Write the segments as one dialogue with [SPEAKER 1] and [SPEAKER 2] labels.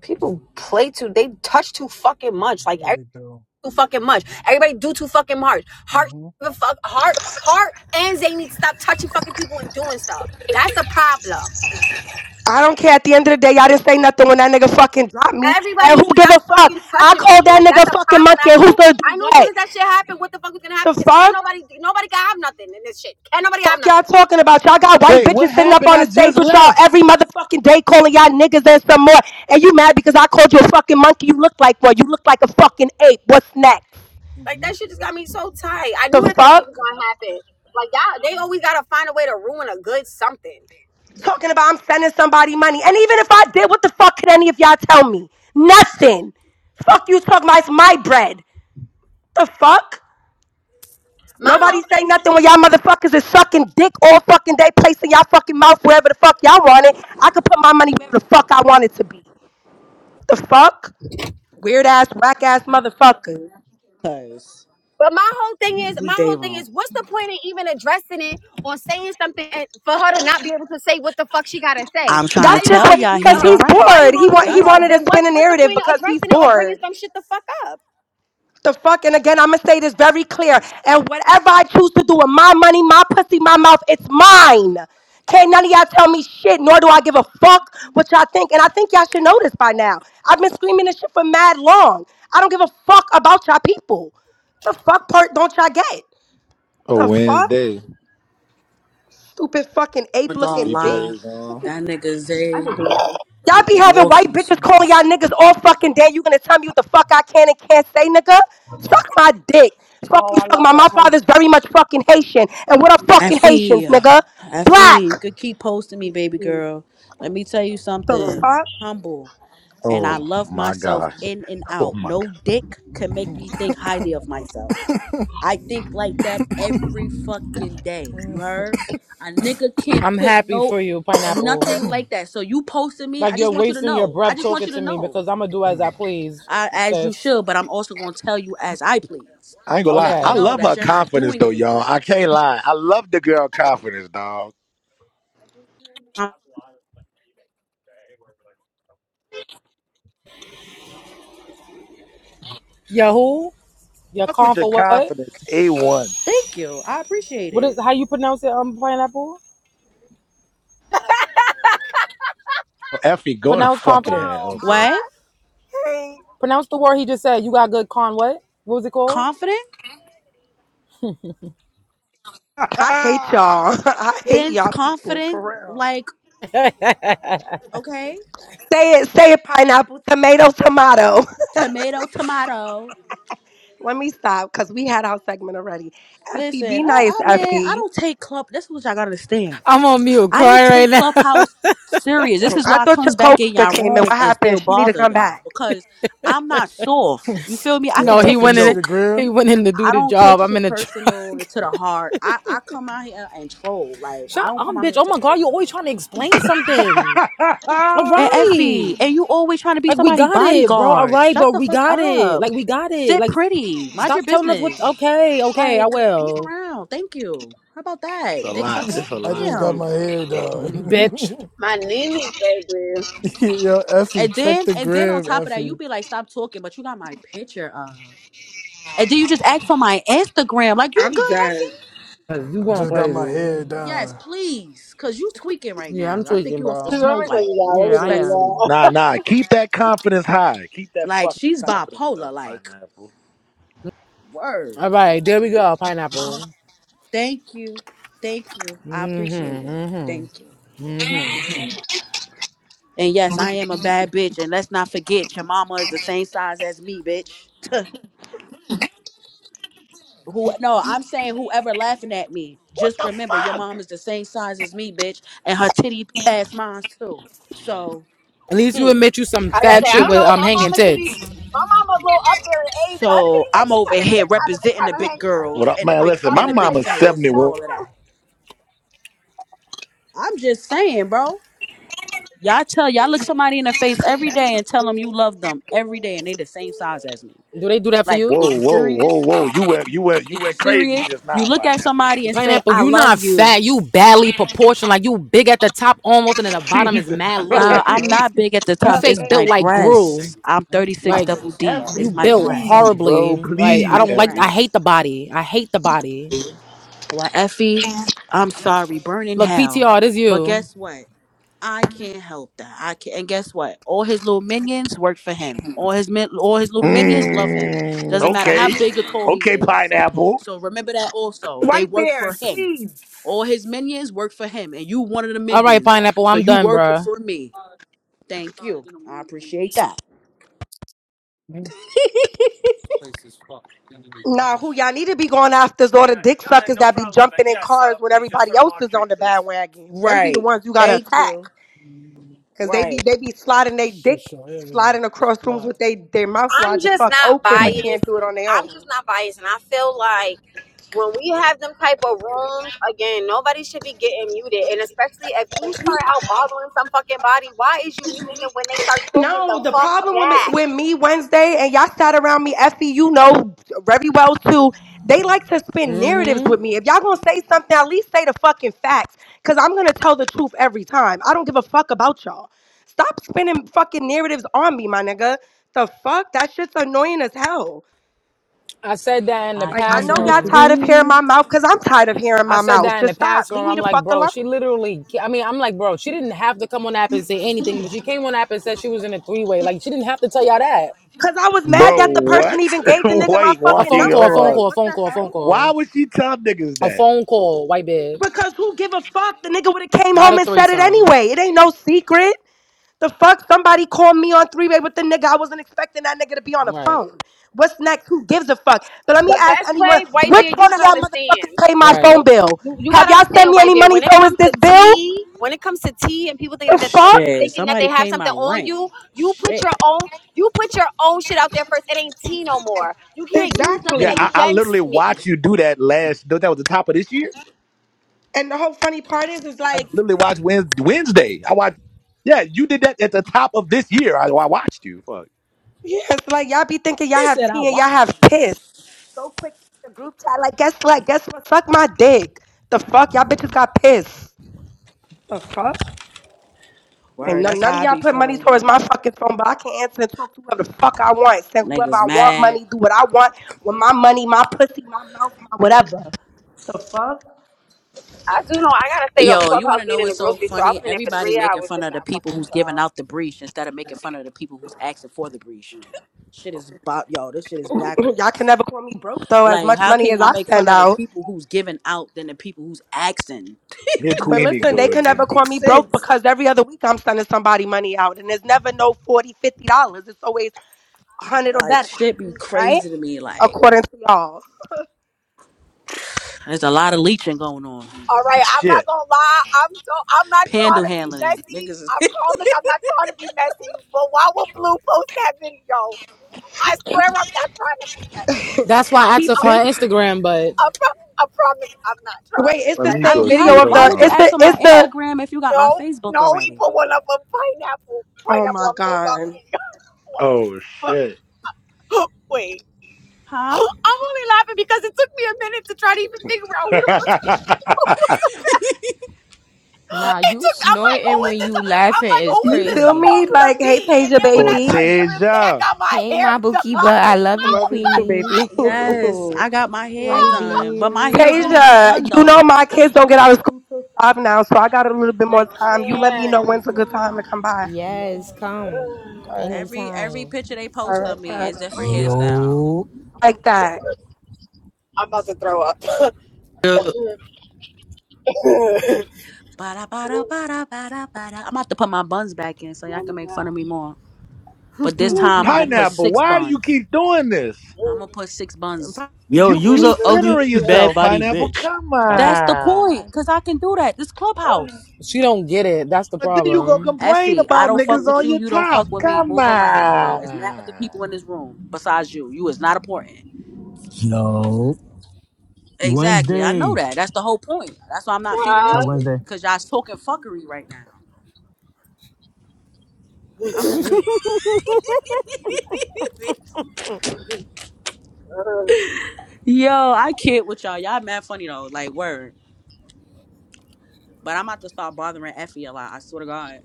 [SPEAKER 1] People play too. They touch too fucking much. Like
[SPEAKER 2] There
[SPEAKER 1] every
[SPEAKER 2] they go.
[SPEAKER 1] too fucking much. Everybody do too fucking much. Heart,
[SPEAKER 2] hmm
[SPEAKER 1] give fuck, heart, heart, and they need to stop touching fucking people and doing stuff. That's a problem.
[SPEAKER 3] I don't care. At the end of the day, y'all didn't say nothing when that nigga fucking dropped me.
[SPEAKER 1] Everybody
[SPEAKER 3] And who
[SPEAKER 1] needs to
[SPEAKER 3] give
[SPEAKER 1] stop
[SPEAKER 3] a fuck?
[SPEAKER 1] fucking
[SPEAKER 3] I
[SPEAKER 1] touching
[SPEAKER 3] called
[SPEAKER 1] people.
[SPEAKER 3] that
[SPEAKER 1] Like that's
[SPEAKER 3] nigga
[SPEAKER 1] a
[SPEAKER 3] fucking
[SPEAKER 1] problem. And
[SPEAKER 3] monkey.
[SPEAKER 1] I
[SPEAKER 3] And who's
[SPEAKER 1] knew,
[SPEAKER 3] gonna do
[SPEAKER 1] I knew as soon
[SPEAKER 3] what?
[SPEAKER 1] as that shit happened, what the fuck was gonna
[SPEAKER 3] The
[SPEAKER 1] happen? Cause can't
[SPEAKER 3] fuck?
[SPEAKER 1] nobody, nobody can have nothing in this shit. Can't nobody
[SPEAKER 3] Fuck
[SPEAKER 1] have
[SPEAKER 3] y'all
[SPEAKER 1] nothing.
[SPEAKER 3] talking about? Y'all got white
[SPEAKER 4] Wait,
[SPEAKER 3] bitches
[SPEAKER 4] what
[SPEAKER 3] sitting up
[SPEAKER 4] happened?
[SPEAKER 3] on
[SPEAKER 4] I
[SPEAKER 3] the stage
[SPEAKER 4] just
[SPEAKER 3] with y'all
[SPEAKER 4] left.
[SPEAKER 3] every motherfucking day calling y'all niggas and some more. And you mad because I called you a fucking monkey? You look like one. You look like a fucking ape. What's next?
[SPEAKER 1] Like
[SPEAKER 2] hmm
[SPEAKER 1] that shit just got me so tight. I
[SPEAKER 3] The
[SPEAKER 1] knew that that shit was
[SPEAKER 3] fuck?
[SPEAKER 1] gonna happen. Like y'all, they always gotta find a way to ruin a good something.
[SPEAKER 3] Talking about I'm sending somebody money. And even if I did, what the fuck could any of y'all tell me? Nothing. Fuck you talking about it's my bread. The fuck?
[SPEAKER 1] My
[SPEAKER 3] Nobody
[SPEAKER 1] whole thing
[SPEAKER 3] say nothing when y'all motherfuckers is sucking dick all fucking day, placing y'all fucking mouth wherever the fuck y'all want it. I could put my money wherever the fuck I want it to be. The fuck? Weird ass, whack ass motherfucker.
[SPEAKER 5] Cause
[SPEAKER 1] But my whole thing
[SPEAKER 5] people
[SPEAKER 1] is,
[SPEAKER 5] be
[SPEAKER 1] my
[SPEAKER 5] day
[SPEAKER 1] whole thing
[SPEAKER 5] wrong.
[SPEAKER 1] is, what's the point of even addressing it or saying something and- for her to not be able to say what the fuck she gotta say?
[SPEAKER 5] I'm trying to
[SPEAKER 1] Why
[SPEAKER 3] That's
[SPEAKER 1] you
[SPEAKER 3] just
[SPEAKER 1] gonna
[SPEAKER 5] tell
[SPEAKER 3] what,
[SPEAKER 1] keep
[SPEAKER 5] y'all
[SPEAKER 1] you
[SPEAKER 3] cause
[SPEAKER 1] in
[SPEAKER 5] he's a
[SPEAKER 1] her?
[SPEAKER 3] he's
[SPEAKER 5] rat.
[SPEAKER 1] Why you
[SPEAKER 3] bored. He
[SPEAKER 1] gonna
[SPEAKER 5] He
[SPEAKER 3] want
[SPEAKER 1] shoot
[SPEAKER 3] he
[SPEAKER 5] does
[SPEAKER 1] her?
[SPEAKER 3] wanted
[SPEAKER 5] that.
[SPEAKER 3] to
[SPEAKER 1] Then what?
[SPEAKER 3] spin a
[SPEAKER 1] What's the
[SPEAKER 3] narrative
[SPEAKER 1] point of
[SPEAKER 3] because he's
[SPEAKER 1] addressing it or bringing
[SPEAKER 3] bored.
[SPEAKER 1] some shit the fuck up?
[SPEAKER 3] The fuck, and again, I'm gonna say this very clear. And whatever I choose to do with my money, my pussy, my mouth, it's mine. Can't none of y'all tell me shit, nor do I give a fuck what y'all think. And I think y'all should know this by now. I've been screaming this shit for mad long. I don't give a fuck about y'all people. The fuck part don't y'all get?
[SPEAKER 4] Oh,
[SPEAKER 3] The fuck?
[SPEAKER 4] Wednesday.
[SPEAKER 3] Stupid fucking
[SPEAKER 5] I'm
[SPEAKER 3] ape
[SPEAKER 5] not gonna
[SPEAKER 3] looking
[SPEAKER 5] lie.
[SPEAKER 3] bitch.
[SPEAKER 4] Replays on.
[SPEAKER 5] That nigga Zay, that
[SPEAKER 3] Y'all be
[SPEAKER 5] nigga
[SPEAKER 3] having
[SPEAKER 5] lost
[SPEAKER 3] white
[SPEAKER 5] in the
[SPEAKER 3] bitches calling
[SPEAKER 5] sauce.
[SPEAKER 3] y'all niggas all fucking day. You gonna tell me what the fuck I can and can't say, nigga? Suck my dick. Fuck
[SPEAKER 1] Oh,
[SPEAKER 3] you,
[SPEAKER 1] I
[SPEAKER 3] suck
[SPEAKER 1] love
[SPEAKER 3] my.
[SPEAKER 1] that.
[SPEAKER 3] My
[SPEAKER 1] I,
[SPEAKER 3] father's very much fucking Haitian, and what are fucking Haitians,
[SPEAKER 5] Effie,
[SPEAKER 3] nigga?
[SPEAKER 5] Effie,
[SPEAKER 3] Black.
[SPEAKER 5] you could keep posting me, baby girl. Let me tell you
[SPEAKER 3] The
[SPEAKER 1] mm.
[SPEAKER 5] something.
[SPEAKER 3] fuck?
[SPEAKER 5] Humble. And I
[SPEAKER 4] Oh
[SPEAKER 5] love
[SPEAKER 4] my
[SPEAKER 5] myself
[SPEAKER 4] gosh.
[SPEAKER 5] in and
[SPEAKER 4] Oh
[SPEAKER 5] out.
[SPEAKER 4] my god.
[SPEAKER 5] No dick can make me think highly of myself. I think like that every fucking day. You heard? A nigga can't
[SPEAKER 6] I'm
[SPEAKER 5] put
[SPEAKER 6] happy
[SPEAKER 5] no
[SPEAKER 6] for you, pineapple.
[SPEAKER 5] nothing like that. So you posted me.
[SPEAKER 6] Like
[SPEAKER 5] I
[SPEAKER 6] you're
[SPEAKER 5] just want you to
[SPEAKER 6] wasting your
[SPEAKER 5] know. I
[SPEAKER 6] breath
[SPEAKER 5] just want
[SPEAKER 6] talking
[SPEAKER 5] you
[SPEAKER 6] to
[SPEAKER 5] to
[SPEAKER 6] me
[SPEAKER 5] know.
[SPEAKER 6] because I'm gonna do as I please,
[SPEAKER 5] I, as you
[SPEAKER 6] sis.
[SPEAKER 5] should, but I'm also gonna tell you as I please.
[SPEAKER 4] I ain't
[SPEAKER 5] I'm
[SPEAKER 4] gonna
[SPEAKER 5] gonna
[SPEAKER 4] lie.
[SPEAKER 5] let you
[SPEAKER 4] I
[SPEAKER 6] Okay.
[SPEAKER 5] know
[SPEAKER 4] love
[SPEAKER 5] that
[SPEAKER 4] her
[SPEAKER 5] you're not
[SPEAKER 4] confidence
[SPEAKER 5] doing
[SPEAKER 4] though, y'all.
[SPEAKER 5] anything.
[SPEAKER 4] I can't lie. I love the girl confidence, dog.
[SPEAKER 5] Uh,
[SPEAKER 6] Your who? Your
[SPEAKER 4] Fuck with
[SPEAKER 6] con
[SPEAKER 4] your
[SPEAKER 6] for what?
[SPEAKER 4] confidence, A1.
[SPEAKER 5] Thank you. I appreciate
[SPEAKER 6] What is
[SPEAKER 5] it.
[SPEAKER 6] how you pronounce it? Um, pineapple.
[SPEAKER 4] Oh, Effie, go to
[SPEAKER 6] Pronounce
[SPEAKER 4] fucking
[SPEAKER 1] Yo,
[SPEAKER 6] confidence.
[SPEAKER 4] hell, bro.
[SPEAKER 5] What?
[SPEAKER 1] I hate.
[SPEAKER 6] Pronounce the word he just said. You got good con. What? What was it called?
[SPEAKER 5] Confident?
[SPEAKER 3] I hate y'all. I hate
[SPEAKER 5] Then
[SPEAKER 3] y'all people for
[SPEAKER 5] confident?
[SPEAKER 3] real.
[SPEAKER 5] Like okay?
[SPEAKER 3] Say it, say it, pineapple, tomato, tomato.
[SPEAKER 5] Tomato, tomato.
[SPEAKER 3] Let me stop, cause we had our segment already. Effie, be
[SPEAKER 5] Listen, I,
[SPEAKER 3] nice,
[SPEAKER 5] I man, I
[SPEAKER 3] Effie.
[SPEAKER 5] don't take club. That's what y'all gotta understand.
[SPEAKER 6] I'm on mute,
[SPEAKER 5] I don't
[SPEAKER 6] cry right
[SPEAKER 5] take
[SPEAKER 6] now.
[SPEAKER 5] Clubhouse serious. This is
[SPEAKER 3] I
[SPEAKER 5] why it
[SPEAKER 3] thought your
[SPEAKER 5] comes back in
[SPEAKER 3] coworker
[SPEAKER 5] y'all
[SPEAKER 3] came in. What
[SPEAKER 5] room and
[SPEAKER 3] happened?
[SPEAKER 5] still
[SPEAKER 3] She need to
[SPEAKER 5] bother
[SPEAKER 3] come
[SPEAKER 5] y'all
[SPEAKER 3] back.
[SPEAKER 5] because I'm not soft. You feel me? I
[SPEAKER 2] Yo,
[SPEAKER 5] can
[SPEAKER 6] No, he
[SPEAKER 5] take a
[SPEAKER 2] Effie, you
[SPEAKER 6] went
[SPEAKER 2] see
[SPEAKER 6] in.
[SPEAKER 2] the
[SPEAKER 5] joke.
[SPEAKER 6] He
[SPEAKER 2] gram?
[SPEAKER 6] went in to do
[SPEAKER 5] I
[SPEAKER 6] the
[SPEAKER 5] don't take
[SPEAKER 6] job. I'm in
[SPEAKER 5] shit
[SPEAKER 6] the truck.
[SPEAKER 5] personal and to the heart. I, I come out here and troll. Like I
[SPEAKER 6] Shut
[SPEAKER 5] don't
[SPEAKER 6] up,
[SPEAKER 5] come out here
[SPEAKER 6] bitch.
[SPEAKER 5] and
[SPEAKER 6] Oh
[SPEAKER 5] take
[SPEAKER 6] my god,
[SPEAKER 5] shit
[SPEAKER 6] you always
[SPEAKER 5] personal.
[SPEAKER 6] trying to explain something. All
[SPEAKER 5] And
[SPEAKER 6] right.
[SPEAKER 5] Effie, and you always trying to be
[SPEAKER 6] Like we
[SPEAKER 5] somebody
[SPEAKER 6] got it, bro. All
[SPEAKER 5] bodyguard.
[SPEAKER 6] right,
[SPEAKER 5] Shut
[SPEAKER 6] but
[SPEAKER 5] the
[SPEAKER 6] we
[SPEAKER 5] fuck
[SPEAKER 6] got it.
[SPEAKER 5] up.
[SPEAKER 6] Like we got it.
[SPEAKER 5] Sit
[SPEAKER 6] Like
[SPEAKER 5] pretty. Mind your
[SPEAKER 6] Stop telling us what's
[SPEAKER 5] business.
[SPEAKER 6] Okay, okay, I
[SPEAKER 5] Like move
[SPEAKER 6] will,
[SPEAKER 5] around. Thank you. How about
[SPEAKER 4] It's
[SPEAKER 5] that,
[SPEAKER 4] a
[SPEAKER 5] dick
[SPEAKER 4] lot.
[SPEAKER 5] sucker?
[SPEAKER 4] It's a
[SPEAKER 2] I
[SPEAKER 4] lot
[SPEAKER 2] just
[SPEAKER 5] Damn.
[SPEAKER 2] got
[SPEAKER 4] right
[SPEAKER 2] my
[SPEAKER 4] now,
[SPEAKER 2] hair
[SPEAKER 4] bro.
[SPEAKER 2] done.
[SPEAKER 6] bitch.
[SPEAKER 1] My Nene, baby.
[SPEAKER 2] Yo, Effie,
[SPEAKER 5] And
[SPEAKER 2] check
[SPEAKER 5] then
[SPEAKER 2] the
[SPEAKER 5] and then on
[SPEAKER 2] gram,
[SPEAKER 5] top of that, you
[SPEAKER 2] Effie.
[SPEAKER 5] be like, stop talking, but you got my picture up. And then you just ask for my Instagram. Like, you good, Effie?
[SPEAKER 6] You
[SPEAKER 2] I
[SPEAKER 6] going
[SPEAKER 2] just got my
[SPEAKER 6] crazy?
[SPEAKER 2] hair
[SPEAKER 5] Yes,
[SPEAKER 2] done.
[SPEAKER 5] please. Cause you tweaking right
[SPEAKER 6] Yeah,
[SPEAKER 5] now.
[SPEAKER 6] I'm
[SPEAKER 5] I think
[SPEAKER 6] tweaking,
[SPEAKER 5] you off the
[SPEAKER 1] Just
[SPEAKER 6] bro.
[SPEAKER 1] Let
[SPEAKER 5] Snow
[SPEAKER 1] me tell
[SPEAKER 5] White,
[SPEAKER 1] you that. Let me
[SPEAKER 6] Yeah, I
[SPEAKER 1] tell you
[SPEAKER 5] respectfully.
[SPEAKER 6] am.
[SPEAKER 1] that.
[SPEAKER 4] Nah, nah. Keep that confidence high. Keep that
[SPEAKER 5] Like
[SPEAKER 4] fucking
[SPEAKER 5] she's
[SPEAKER 4] confidence
[SPEAKER 5] bipolar.
[SPEAKER 4] up,
[SPEAKER 5] Like,
[SPEAKER 4] pineapple.
[SPEAKER 5] word.
[SPEAKER 6] All right, there we go. Pineapple.
[SPEAKER 5] Thank you. Thank you. I
[SPEAKER 6] mm
[SPEAKER 5] appreciate
[SPEAKER 6] Mhm,
[SPEAKER 5] it.
[SPEAKER 6] mm mhm,
[SPEAKER 5] Thank you.
[SPEAKER 6] mm mhm.
[SPEAKER 5] And yes, I am a bad bitch. And let's not forget your mama is the same size as me, bitch. who no i'm saying whoever laughing at me
[SPEAKER 4] What
[SPEAKER 5] just
[SPEAKER 4] the
[SPEAKER 5] remember your
[SPEAKER 4] fuck?
[SPEAKER 5] mom is the same size as me bitch and her titty past mine too so
[SPEAKER 6] At least you
[SPEAKER 5] hmm
[SPEAKER 6] admit you some
[SPEAKER 1] I gotta
[SPEAKER 6] fat
[SPEAKER 1] say, I
[SPEAKER 6] shit
[SPEAKER 1] don't
[SPEAKER 6] with
[SPEAKER 1] know.
[SPEAKER 6] um
[SPEAKER 1] My
[SPEAKER 6] hanging
[SPEAKER 1] mama titties,
[SPEAKER 6] tits.
[SPEAKER 1] my mama a little up there in age, but her
[SPEAKER 5] so
[SPEAKER 1] titties
[SPEAKER 5] i'm
[SPEAKER 1] actually
[SPEAKER 5] over
[SPEAKER 1] kind of
[SPEAKER 5] here
[SPEAKER 1] thick, kind of they
[SPEAKER 5] representing
[SPEAKER 1] kind
[SPEAKER 5] the
[SPEAKER 1] of
[SPEAKER 5] big
[SPEAKER 1] hang.
[SPEAKER 4] What
[SPEAKER 5] girls
[SPEAKER 4] up,
[SPEAKER 5] and
[SPEAKER 1] They
[SPEAKER 5] the
[SPEAKER 4] man?
[SPEAKER 1] kind
[SPEAKER 5] big
[SPEAKER 1] of
[SPEAKER 4] Listen,
[SPEAKER 1] dropped
[SPEAKER 4] my
[SPEAKER 5] and the
[SPEAKER 1] at a
[SPEAKER 5] big
[SPEAKER 1] nice
[SPEAKER 4] mama's
[SPEAKER 1] level.
[SPEAKER 5] fellas and
[SPEAKER 4] 71.
[SPEAKER 5] all of that i'm just saying bro y'all tell y'all look somebody in the face every day and tell them you love them every day and they the same size as me
[SPEAKER 6] Do they do that for
[SPEAKER 5] like
[SPEAKER 6] you?
[SPEAKER 4] Whoa,
[SPEAKER 5] is you
[SPEAKER 4] whoa, whoa,
[SPEAKER 5] serious
[SPEAKER 4] whoa! You went, you went, you
[SPEAKER 5] is you
[SPEAKER 4] went crazy
[SPEAKER 5] serious
[SPEAKER 4] just
[SPEAKER 5] you
[SPEAKER 4] now,
[SPEAKER 5] look at
[SPEAKER 4] pineapple.
[SPEAKER 5] somebody and say
[SPEAKER 6] Pineapple,
[SPEAKER 5] i
[SPEAKER 6] you
[SPEAKER 5] love
[SPEAKER 6] not
[SPEAKER 5] you
[SPEAKER 6] fat. You badly proportioned. Like you big at the top almost, and at the bottom is
[SPEAKER 4] Jesus
[SPEAKER 6] mad
[SPEAKER 4] Christ,
[SPEAKER 5] No,
[SPEAKER 6] little.
[SPEAKER 2] Yeah,
[SPEAKER 5] I'm
[SPEAKER 2] all
[SPEAKER 4] Effie,
[SPEAKER 5] not big at the
[SPEAKER 6] You
[SPEAKER 5] top. It's
[SPEAKER 6] fake built
[SPEAKER 5] my
[SPEAKER 6] like Gru.
[SPEAKER 5] breasts. I'm
[SPEAKER 2] right.
[SPEAKER 5] 36
[SPEAKER 6] Like
[SPEAKER 5] double D.
[SPEAKER 4] Effie,
[SPEAKER 6] you
[SPEAKER 5] It's my
[SPEAKER 6] built
[SPEAKER 5] breasts.
[SPEAKER 4] please, bro,
[SPEAKER 6] horribly. Like
[SPEAKER 5] It's
[SPEAKER 6] I
[SPEAKER 5] my
[SPEAKER 4] please,
[SPEAKER 6] don't like. I
[SPEAKER 4] Effie.
[SPEAKER 6] hate
[SPEAKER 5] breasts.
[SPEAKER 6] the body. I hate the body.
[SPEAKER 5] Well, Effie? I'm sorry. Burn in
[SPEAKER 6] Look,
[SPEAKER 5] hell.
[SPEAKER 6] PTR, it is
[SPEAKER 5] But
[SPEAKER 6] you.
[SPEAKER 5] guess what? I can't help that. I can't. And guess what? All his little minions work for him. All his min, all his little minions love him.
[SPEAKER 4] Mm,
[SPEAKER 5] Doesn't matter how
[SPEAKER 4] okay,
[SPEAKER 5] big or tall he
[SPEAKER 4] okay,
[SPEAKER 5] is.
[SPEAKER 4] pineapple,
[SPEAKER 5] So remember that also. They
[SPEAKER 3] White
[SPEAKER 5] work
[SPEAKER 3] Bear,
[SPEAKER 5] for him.
[SPEAKER 3] please.
[SPEAKER 5] All his minions work for him, and you one of the
[SPEAKER 6] All right,
[SPEAKER 5] minions.
[SPEAKER 6] pineapple,
[SPEAKER 5] So
[SPEAKER 6] I'm
[SPEAKER 5] you
[SPEAKER 6] done,
[SPEAKER 5] working
[SPEAKER 6] bruh.
[SPEAKER 5] for me. Thank you. I appreciate that.
[SPEAKER 3] Nah, who y'all need to be going after is all the dick suckers that be jumping in cars when everybody else is on the bandwagon. Them be the
[SPEAKER 5] Right.
[SPEAKER 3] ones you gotta
[SPEAKER 5] Thank
[SPEAKER 3] attack,
[SPEAKER 5] you.
[SPEAKER 3] cause they be
[SPEAKER 5] Right.
[SPEAKER 3] they be sliding they dick sliding across rooms with they their mouth
[SPEAKER 1] I'm
[SPEAKER 3] wide the
[SPEAKER 1] just
[SPEAKER 3] fuck
[SPEAKER 1] not
[SPEAKER 3] open, but can't
[SPEAKER 1] biased.
[SPEAKER 3] do it on their
[SPEAKER 1] I'm
[SPEAKER 3] own.
[SPEAKER 1] just not biased, and I feel like when we have them type of rooms again, nobody should be getting muted, and especially if you start out bothering some fucking body, why is you muting it when they start talking
[SPEAKER 3] No,
[SPEAKER 1] the
[SPEAKER 3] the
[SPEAKER 1] fuck
[SPEAKER 3] problem with me,
[SPEAKER 1] back?
[SPEAKER 3] with me Wednesday and y'all sat around me, Effie, you know very well too. They like to spin narratives
[SPEAKER 6] hmm
[SPEAKER 3] with me. If y'all gonna say something, at least say the fucking facts. Cause I'm gonna tell the truth every time. I don't give a fuck about y'all. Stop spinning fucking narratives on me, my nigga. The fuck? That shit's annoying as hell.
[SPEAKER 6] I said that in the
[SPEAKER 5] I
[SPEAKER 3] Like I
[SPEAKER 6] past
[SPEAKER 5] can
[SPEAKER 3] know y'all
[SPEAKER 6] room.
[SPEAKER 3] tired of hearing
[SPEAKER 5] agree.
[SPEAKER 3] my mouth, cause I'm tired of hearing
[SPEAKER 6] I
[SPEAKER 3] my
[SPEAKER 6] said
[SPEAKER 3] mouth.
[SPEAKER 6] that in the
[SPEAKER 3] Just stop.
[SPEAKER 6] past
[SPEAKER 3] Leave
[SPEAKER 6] room.
[SPEAKER 3] me
[SPEAKER 6] I'm
[SPEAKER 3] the
[SPEAKER 6] like,
[SPEAKER 3] fuck
[SPEAKER 6] bro, she
[SPEAKER 3] alone.
[SPEAKER 6] literally. I mean, I'm like, bro, she didn't have to come on app and say anything, but she came on app and said she was in a three way. Like, she didn't have to tell y'all that.
[SPEAKER 3] Cause I was mad
[SPEAKER 4] bro.
[SPEAKER 3] that the person
[SPEAKER 4] What?
[SPEAKER 3] even gave the nigga my
[SPEAKER 4] wait,
[SPEAKER 6] A
[SPEAKER 3] fucking
[SPEAKER 6] phone
[SPEAKER 4] wait,
[SPEAKER 6] call, a
[SPEAKER 3] number.
[SPEAKER 6] phone
[SPEAKER 3] Like
[SPEAKER 4] hold on.
[SPEAKER 6] call, a
[SPEAKER 3] what
[SPEAKER 6] phone
[SPEAKER 3] the
[SPEAKER 6] call, a phone
[SPEAKER 3] hell?
[SPEAKER 4] Why
[SPEAKER 6] call,
[SPEAKER 4] would she tell niggas
[SPEAKER 6] a
[SPEAKER 4] that?
[SPEAKER 6] phone call. White bed,
[SPEAKER 3] Because who give a fuck? The nigga would have came
[SPEAKER 6] not
[SPEAKER 3] home
[SPEAKER 6] a
[SPEAKER 3] and said it
[SPEAKER 6] threesome.
[SPEAKER 3] anyway. It ain't no secret. The fuck? Somebody called me on three way with the nigga. I wasn't expecting that nigga to be on the
[SPEAKER 6] Right,
[SPEAKER 3] phone. What's next? Who gives a fuck? But let me
[SPEAKER 1] The
[SPEAKER 3] ask
[SPEAKER 1] best
[SPEAKER 3] anyone,
[SPEAKER 1] way, White
[SPEAKER 3] which
[SPEAKER 1] Bear, you
[SPEAKER 3] one of
[SPEAKER 1] gotta
[SPEAKER 3] y'all
[SPEAKER 1] understand.
[SPEAKER 3] motherfuckers pay my
[SPEAKER 6] right.
[SPEAKER 1] When,
[SPEAKER 3] phone bill?
[SPEAKER 1] you, you
[SPEAKER 3] Have
[SPEAKER 1] gotta
[SPEAKER 3] y'all sent
[SPEAKER 1] understand,
[SPEAKER 3] me
[SPEAKER 1] White
[SPEAKER 3] any
[SPEAKER 1] Bear.
[SPEAKER 3] money
[SPEAKER 1] When it
[SPEAKER 3] towards
[SPEAKER 1] comes
[SPEAKER 3] this
[SPEAKER 1] to
[SPEAKER 3] bill?
[SPEAKER 1] tea, when it comes to tea, and people
[SPEAKER 3] The
[SPEAKER 1] thinking that, that they,
[SPEAKER 3] fuck?
[SPEAKER 5] Shit,
[SPEAKER 1] thinking that
[SPEAKER 5] somebody
[SPEAKER 1] they have
[SPEAKER 5] pay
[SPEAKER 1] something
[SPEAKER 5] my
[SPEAKER 1] on
[SPEAKER 5] rent.
[SPEAKER 1] you, you put
[SPEAKER 5] Shit.
[SPEAKER 1] your own you put your own shit out there first. It ain't tea no more. You can't use nothing
[SPEAKER 4] Yeah,
[SPEAKER 3] Exactly.
[SPEAKER 4] I, I literally
[SPEAKER 1] against me.
[SPEAKER 4] watched you do that last. That was the top of this year.
[SPEAKER 3] And the whole funny part is, is
[SPEAKER 4] I
[SPEAKER 3] like,
[SPEAKER 4] literally watched Wednes- Wednesday. I watched. Yeah, you did that at the top of this year. I, I watched you. Fuck.
[SPEAKER 3] yeah, it's like y'all be thinking y'all
[SPEAKER 5] He
[SPEAKER 3] have
[SPEAKER 5] said I
[SPEAKER 3] tea and y'all have
[SPEAKER 5] watch you.
[SPEAKER 3] piss. So quick, to the group chat, like, guess what? Guess what? Fuck my dick. The fuck? Y'all bitches got pissed. And
[SPEAKER 5] Word.
[SPEAKER 3] none,
[SPEAKER 5] That's
[SPEAKER 3] none
[SPEAKER 5] how
[SPEAKER 3] of
[SPEAKER 5] I
[SPEAKER 3] y'all
[SPEAKER 5] be
[SPEAKER 3] put money
[SPEAKER 5] feeling.
[SPEAKER 3] towards my fucking phone, but I can answer and talk to whoever the fuck I want. Send whoever
[SPEAKER 5] Niggas
[SPEAKER 3] I want
[SPEAKER 5] mad.
[SPEAKER 3] money, do what I want with my money, my pussy, my mouth, my whatever.
[SPEAKER 1] I do know I gotta stay up
[SPEAKER 5] Yo, you
[SPEAKER 1] clubhouse
[SPEAKER 5] wanna know
[SPEAKER 1] being in the
[SPEAKER 5] what's so
[SPEAKER 1] grocery store. I
[SPEAKER 5] funny?
[SPEAKER 1] was in there for
[SPEAKER 5] Everybody
[SPEAKER 1] three
[SPEAKER 5] making
[SPEAKER 1] hours
[SPEAKER 5] fun
[SPEAKER 1] just
[SPEAKER 5] of the
[SPEAKER 1] not fucking
[SPEAKER 5] people
[SPEAKER 1] with
[SPEAKER 5] who's giving
[SPEAKER 1] y'all.
[SPEAKER 5] out the breach instead of making fun of the people who's asking for the breach. Shit is bop yo, this shit is
[SPEAKER 3] y'all can
[SPEAKER 5] backwards.
[SPEAKER 3] never call me broke though, as
[SPEAKER 5] Like,
[SPEAKER 3] much
[SPEAKER 5] how
[SPEAKER 3] money
[SPEAKER 5] can
[SPEAKER 3] as
[SPEAKER 5] y'all
[SPEAKER 3] I
[SPEAKER 5] make fun
[SPEAKER 3] send
[SPEAKER 5] of the
[SPEAKER 3] out.
[SPEAKER 5] people who's giving out than the people who's asking?
[SPEAKER 4] Here
[SPEAKER 5] it
[SPEAKER 3] But
[SPEAKER 4] Queenie
[SPEAKER 3] listen, they
[SPEAKER 4] go
[SPEAKER 3] can never
[SPEAKER 4] again.
[SPEAKER 3] call
[SPEAKER 5] makes
[SPEAKER 3] me broke
[SPEAKER 5] sense.
[SPEAKER 3] because every other week I'm sending somebody money out, and there's never no forty, dollars, fifty dollars. It's always a hundred or
[SPEAKER 5] Like
[SPEAKER 3] better,
[SPEAKER 5] shit be
[SPEAKER 3] right?
[SPEAKER 5] crazy to me. Like
[SPEAKER 3] According to y'all.
[SPEAKER 5] there's a lot of leeching going on.
[SPEAKER 1] All right, I'm not
[SPEAKER 4] Shit.
[SPEAKER 1] gonna lie. I'm so I'm not trying
[SPEAKER 5] Pandle
[SPEAKER 1] to be
[SPEAKER 5] handling
[SPEAKER 1] messy.
[SPEAKER 5] Niggas is
[SPEAKER 1] I promise I'm not trying to be messy. But why would Blue post that video? I swear I'm not trying to be messy.
[SPEAKER 6] That's why
[SPEAKER 1] I,
[SPEAKER 6] I asked her
[SPEAKER 1] I,
[SPEAKER 3] Keep
[SPEAKER 6] for her
[SPEAKER 3] been.
[SPEAKER 6] Instagram, but
[SPEAKER 1] I, pro- I promise I'm not trying
[SPEAKER 3] Wait,
[SPEAKER 1] to be
[SPEAKER 3] it's
[SPEAKER 4] Let
[SPEAKER 3] the
[SPEAKER 4] me
[SPEAKER 1] messy.
[SPEAKER 5] I
[SPEAKER 3] same
[SPEAKER 4] go
[SPEAKER 5] you- how
[SPEAKER 4] see.
[SPEAKER 3] video
[SPEAKER 5] you
[SPEAKER 3] of
[SPEAKER 5] why
[SPEAKER 4] Hold
[SPEAKER 3] the.
[SPEAKER 5] would you
[SPEAKER 3] It's
[SPEAKER 4] on.
[SPEAKER 5] ask
[SPEAKER 3] the.
[SPEAKER 5] for my
[SPEAKER 3] It's
[SPEAKER 1] No,
[SPEAKER 3] the.
[SPEAKER 5] Instagram if you got my
[SPEAKER 1] no,
[SPEAKER 5] Facebook
[SPEAKER 1] no. He
[SPEAKER 5] already?
[SPEAKER 1] put one up of pineapple.
[SPEAKER 3] Oh
[SPEAKER 1] Pineapple,
[SPEAKER 3] my
[SPEAKER 1] I'm so sorry.
[SPEAKER 3] god.
[SPEAKER 4] Oh shit.
[SPEAKER 1] Wait.
[SPEAKER 5] Huh?
[SPEAKER 1] I'm only laughing because it took me a minute to try to even figure out who the fuck
[SPEAKER 7] Nah,
[SPEAKER 1] it
[SPEAKER 7] you
[SPEAKER 1] took. I'm like,
[SPEAKER 7] snorting
[SPEAKER 1] who is
[SPEAKER 7] when
[SPEAKER 1] this?
[SPEAKER 7] you
[SPEAKER 1] I'm
[SPEAKER 7] laughing
[SPEAKER 1] like,
[SPEAKER 7] is
[SPEAKER 1] who is
[SPEAKER 3] You
[SPEAKER 1] this
[SPEAKER 3] feel
[SPEAKER 7] crazy.
[SPEAKER 3] me?
[SPEAKER 1] supposed to
[SPEAKER 3] Like, hey,
[SPEAKER 1] be? And
[SPEAKER 3] Tasia,
[SPEAKER 1] then when I
[SPEAKER 3] baby.
[SPEAKER 1] start hearing him say, I
[SPEAKER 4] Orteja.
[SPEAKER 1] got my
[SPEAKER 7] Hey,
[SPEAKER 1] hair
[SPEAKER 7] my
[SPEAKER 1] done,
[SPEAKER 7] bookie, but I love
[SPEAKER 3] I
[SPEAKER 1] I
[SPEAKER 7] you,
[SPEAKER 3] love
[SPEAKER 1] was
[SPEAKER 3] you too,
[SPEAKER 7] Queenie.
[SPEAKER 3] baby.
[SPEAKER 1] like,
[SPEAKER 4] I like it.
[SPEAKER 5] Yes,
[SPEAKER 4] too.
[SPEAKER 5] I got my hair
[SPEAKER 7] White
[SPEAKER 1] oh
[SPEAKER 5] done. But my
[SPEAKER 7] beard.
[SPEAKER 5] hair really be
[SPEAKER 3] Tasia,
[SPEAKER 5] done
[SPEAKER 3] you know
[SPEAKER 5] though.
[SPEAKER 3] my kids don't get out of school till five now, so I got a little bit
[SPEAKER 1] no, yo,
[SPEAKER 3] more
[SPEAKER 1] I
[SPEAKER 3] time. You let me know when's
[SPEAKER 1] can't.
[SPEAKER 3] a good time to come by.
[SPEAKER 7] Yes, come
[SPEAKER 3] All right,
[SPEAKER 5] Every every
[SPEAKER 7] anytime.
[SPEAKER 5] picture they
[SPEAKER 3] all
[SPEAKER 5] post of
[SPEAKER 3] right, all
[SPEAKER 5] me
[SPEAKER 3] right.
[SPEAKER 5] is
[SPEAKER 1] Oh.
[SPEAKER 5] different hairstyle.
[SPEAKER 8] Yo,
[SPEAKER 3] Like that.
[SPEAKER 1] I'm about to throw up. oh
[SPEAKER 5] Bada bada bada bada bada. I'm about to put my buns back in so y'all can
[SPEAKER 1] my God.
[SPEAKER 5] make fun of me more. But this time
[SPEAKER 9] Hmm.
[SPEAKER 5] I'm gonna put
[SPEAKER 4] Pineapple,
[SPEAKER 5] six
[SPEAKER 4] why do you
[SPEAKER 5] buns.
[SPEAKER 4] keep doing this?
[SPEAKER 5] I'm gonna put six buns
[SPEAKER 9] Bo-
[SPEAKER 8] Yo,
[SPEAKER 4] You
[SPEAKER 8] use
[SPEAKER 4] you
[SPEAKER 1] Where's
[SPEAKER 8] a
[SPEAKER 1] Miss
[SPEAKER 8] ugly
[SPEAKER 4] centering
[SPEAKER 1] Petty?
[SPEAKER 8] bad
[SPEAKER 4] yourself,
[SPEAKER 8] body
[SPEAKER 4] pineapple.
[SPEAKER 8] bitch.
[SPEAKER 4] Come
[SPEAKER 8] Stop it.
[SPEAKER 5] That's the point,
[SPEAKER 4] on.
[SPEAKER 5] because I can do that. This clubhouse.
[SPEAKER 6] she don't get it. That's the
[SPEAKER 4] But then you go
[SPEAKER 6] problem.
[SPEAKER 4] complain
[SPEAKER 5] Effie, I
[SPEAKER 1] Oh
[SPEAKER 4] about
[SPEAKER 1] my
[SPEAKER 5] don't fuck
[SPEAKER 4] niggas
[SPEAKER 5] with
[SPEAKER 4] on
[SPEAKER 1] goodness.
[SPEAKER 5] you.
[SPEAKER 4] your
[SPEAKER 5] You don't
[SPEAKER 4] top.
[SPEAKER 5] fuck with me.
[SPEAKER 4] Come
[SPEAKER 5] Move around, bro. There's mad other
[SPEAKER 4] on.
[SPEAKER 5] people in this room besides you. You is not important.
[SPEAKER 8] yo,
[SPEAKER 5] Exactly. I know
[SPEAKER 8] Wednesday.
[SPEAKER 5] that. That's the whole point. That's why I'm not
[SPEAKER 1] Nah,
[SPEAKER 5] feeding
[SPEAKER 8] Hi,
[SPEAKER 5] into
[SPEAKER 1] I
[SPEAKER 5] it,
[SPEAKER 8] Wednesday.
[SPEAKER 5] because you y'all talking fuckery right now. I'm. Yo, I kid with y'all. Y'all mad funny though. Like, word. But I'm about to stop bothering Effie a lot. I swear to God.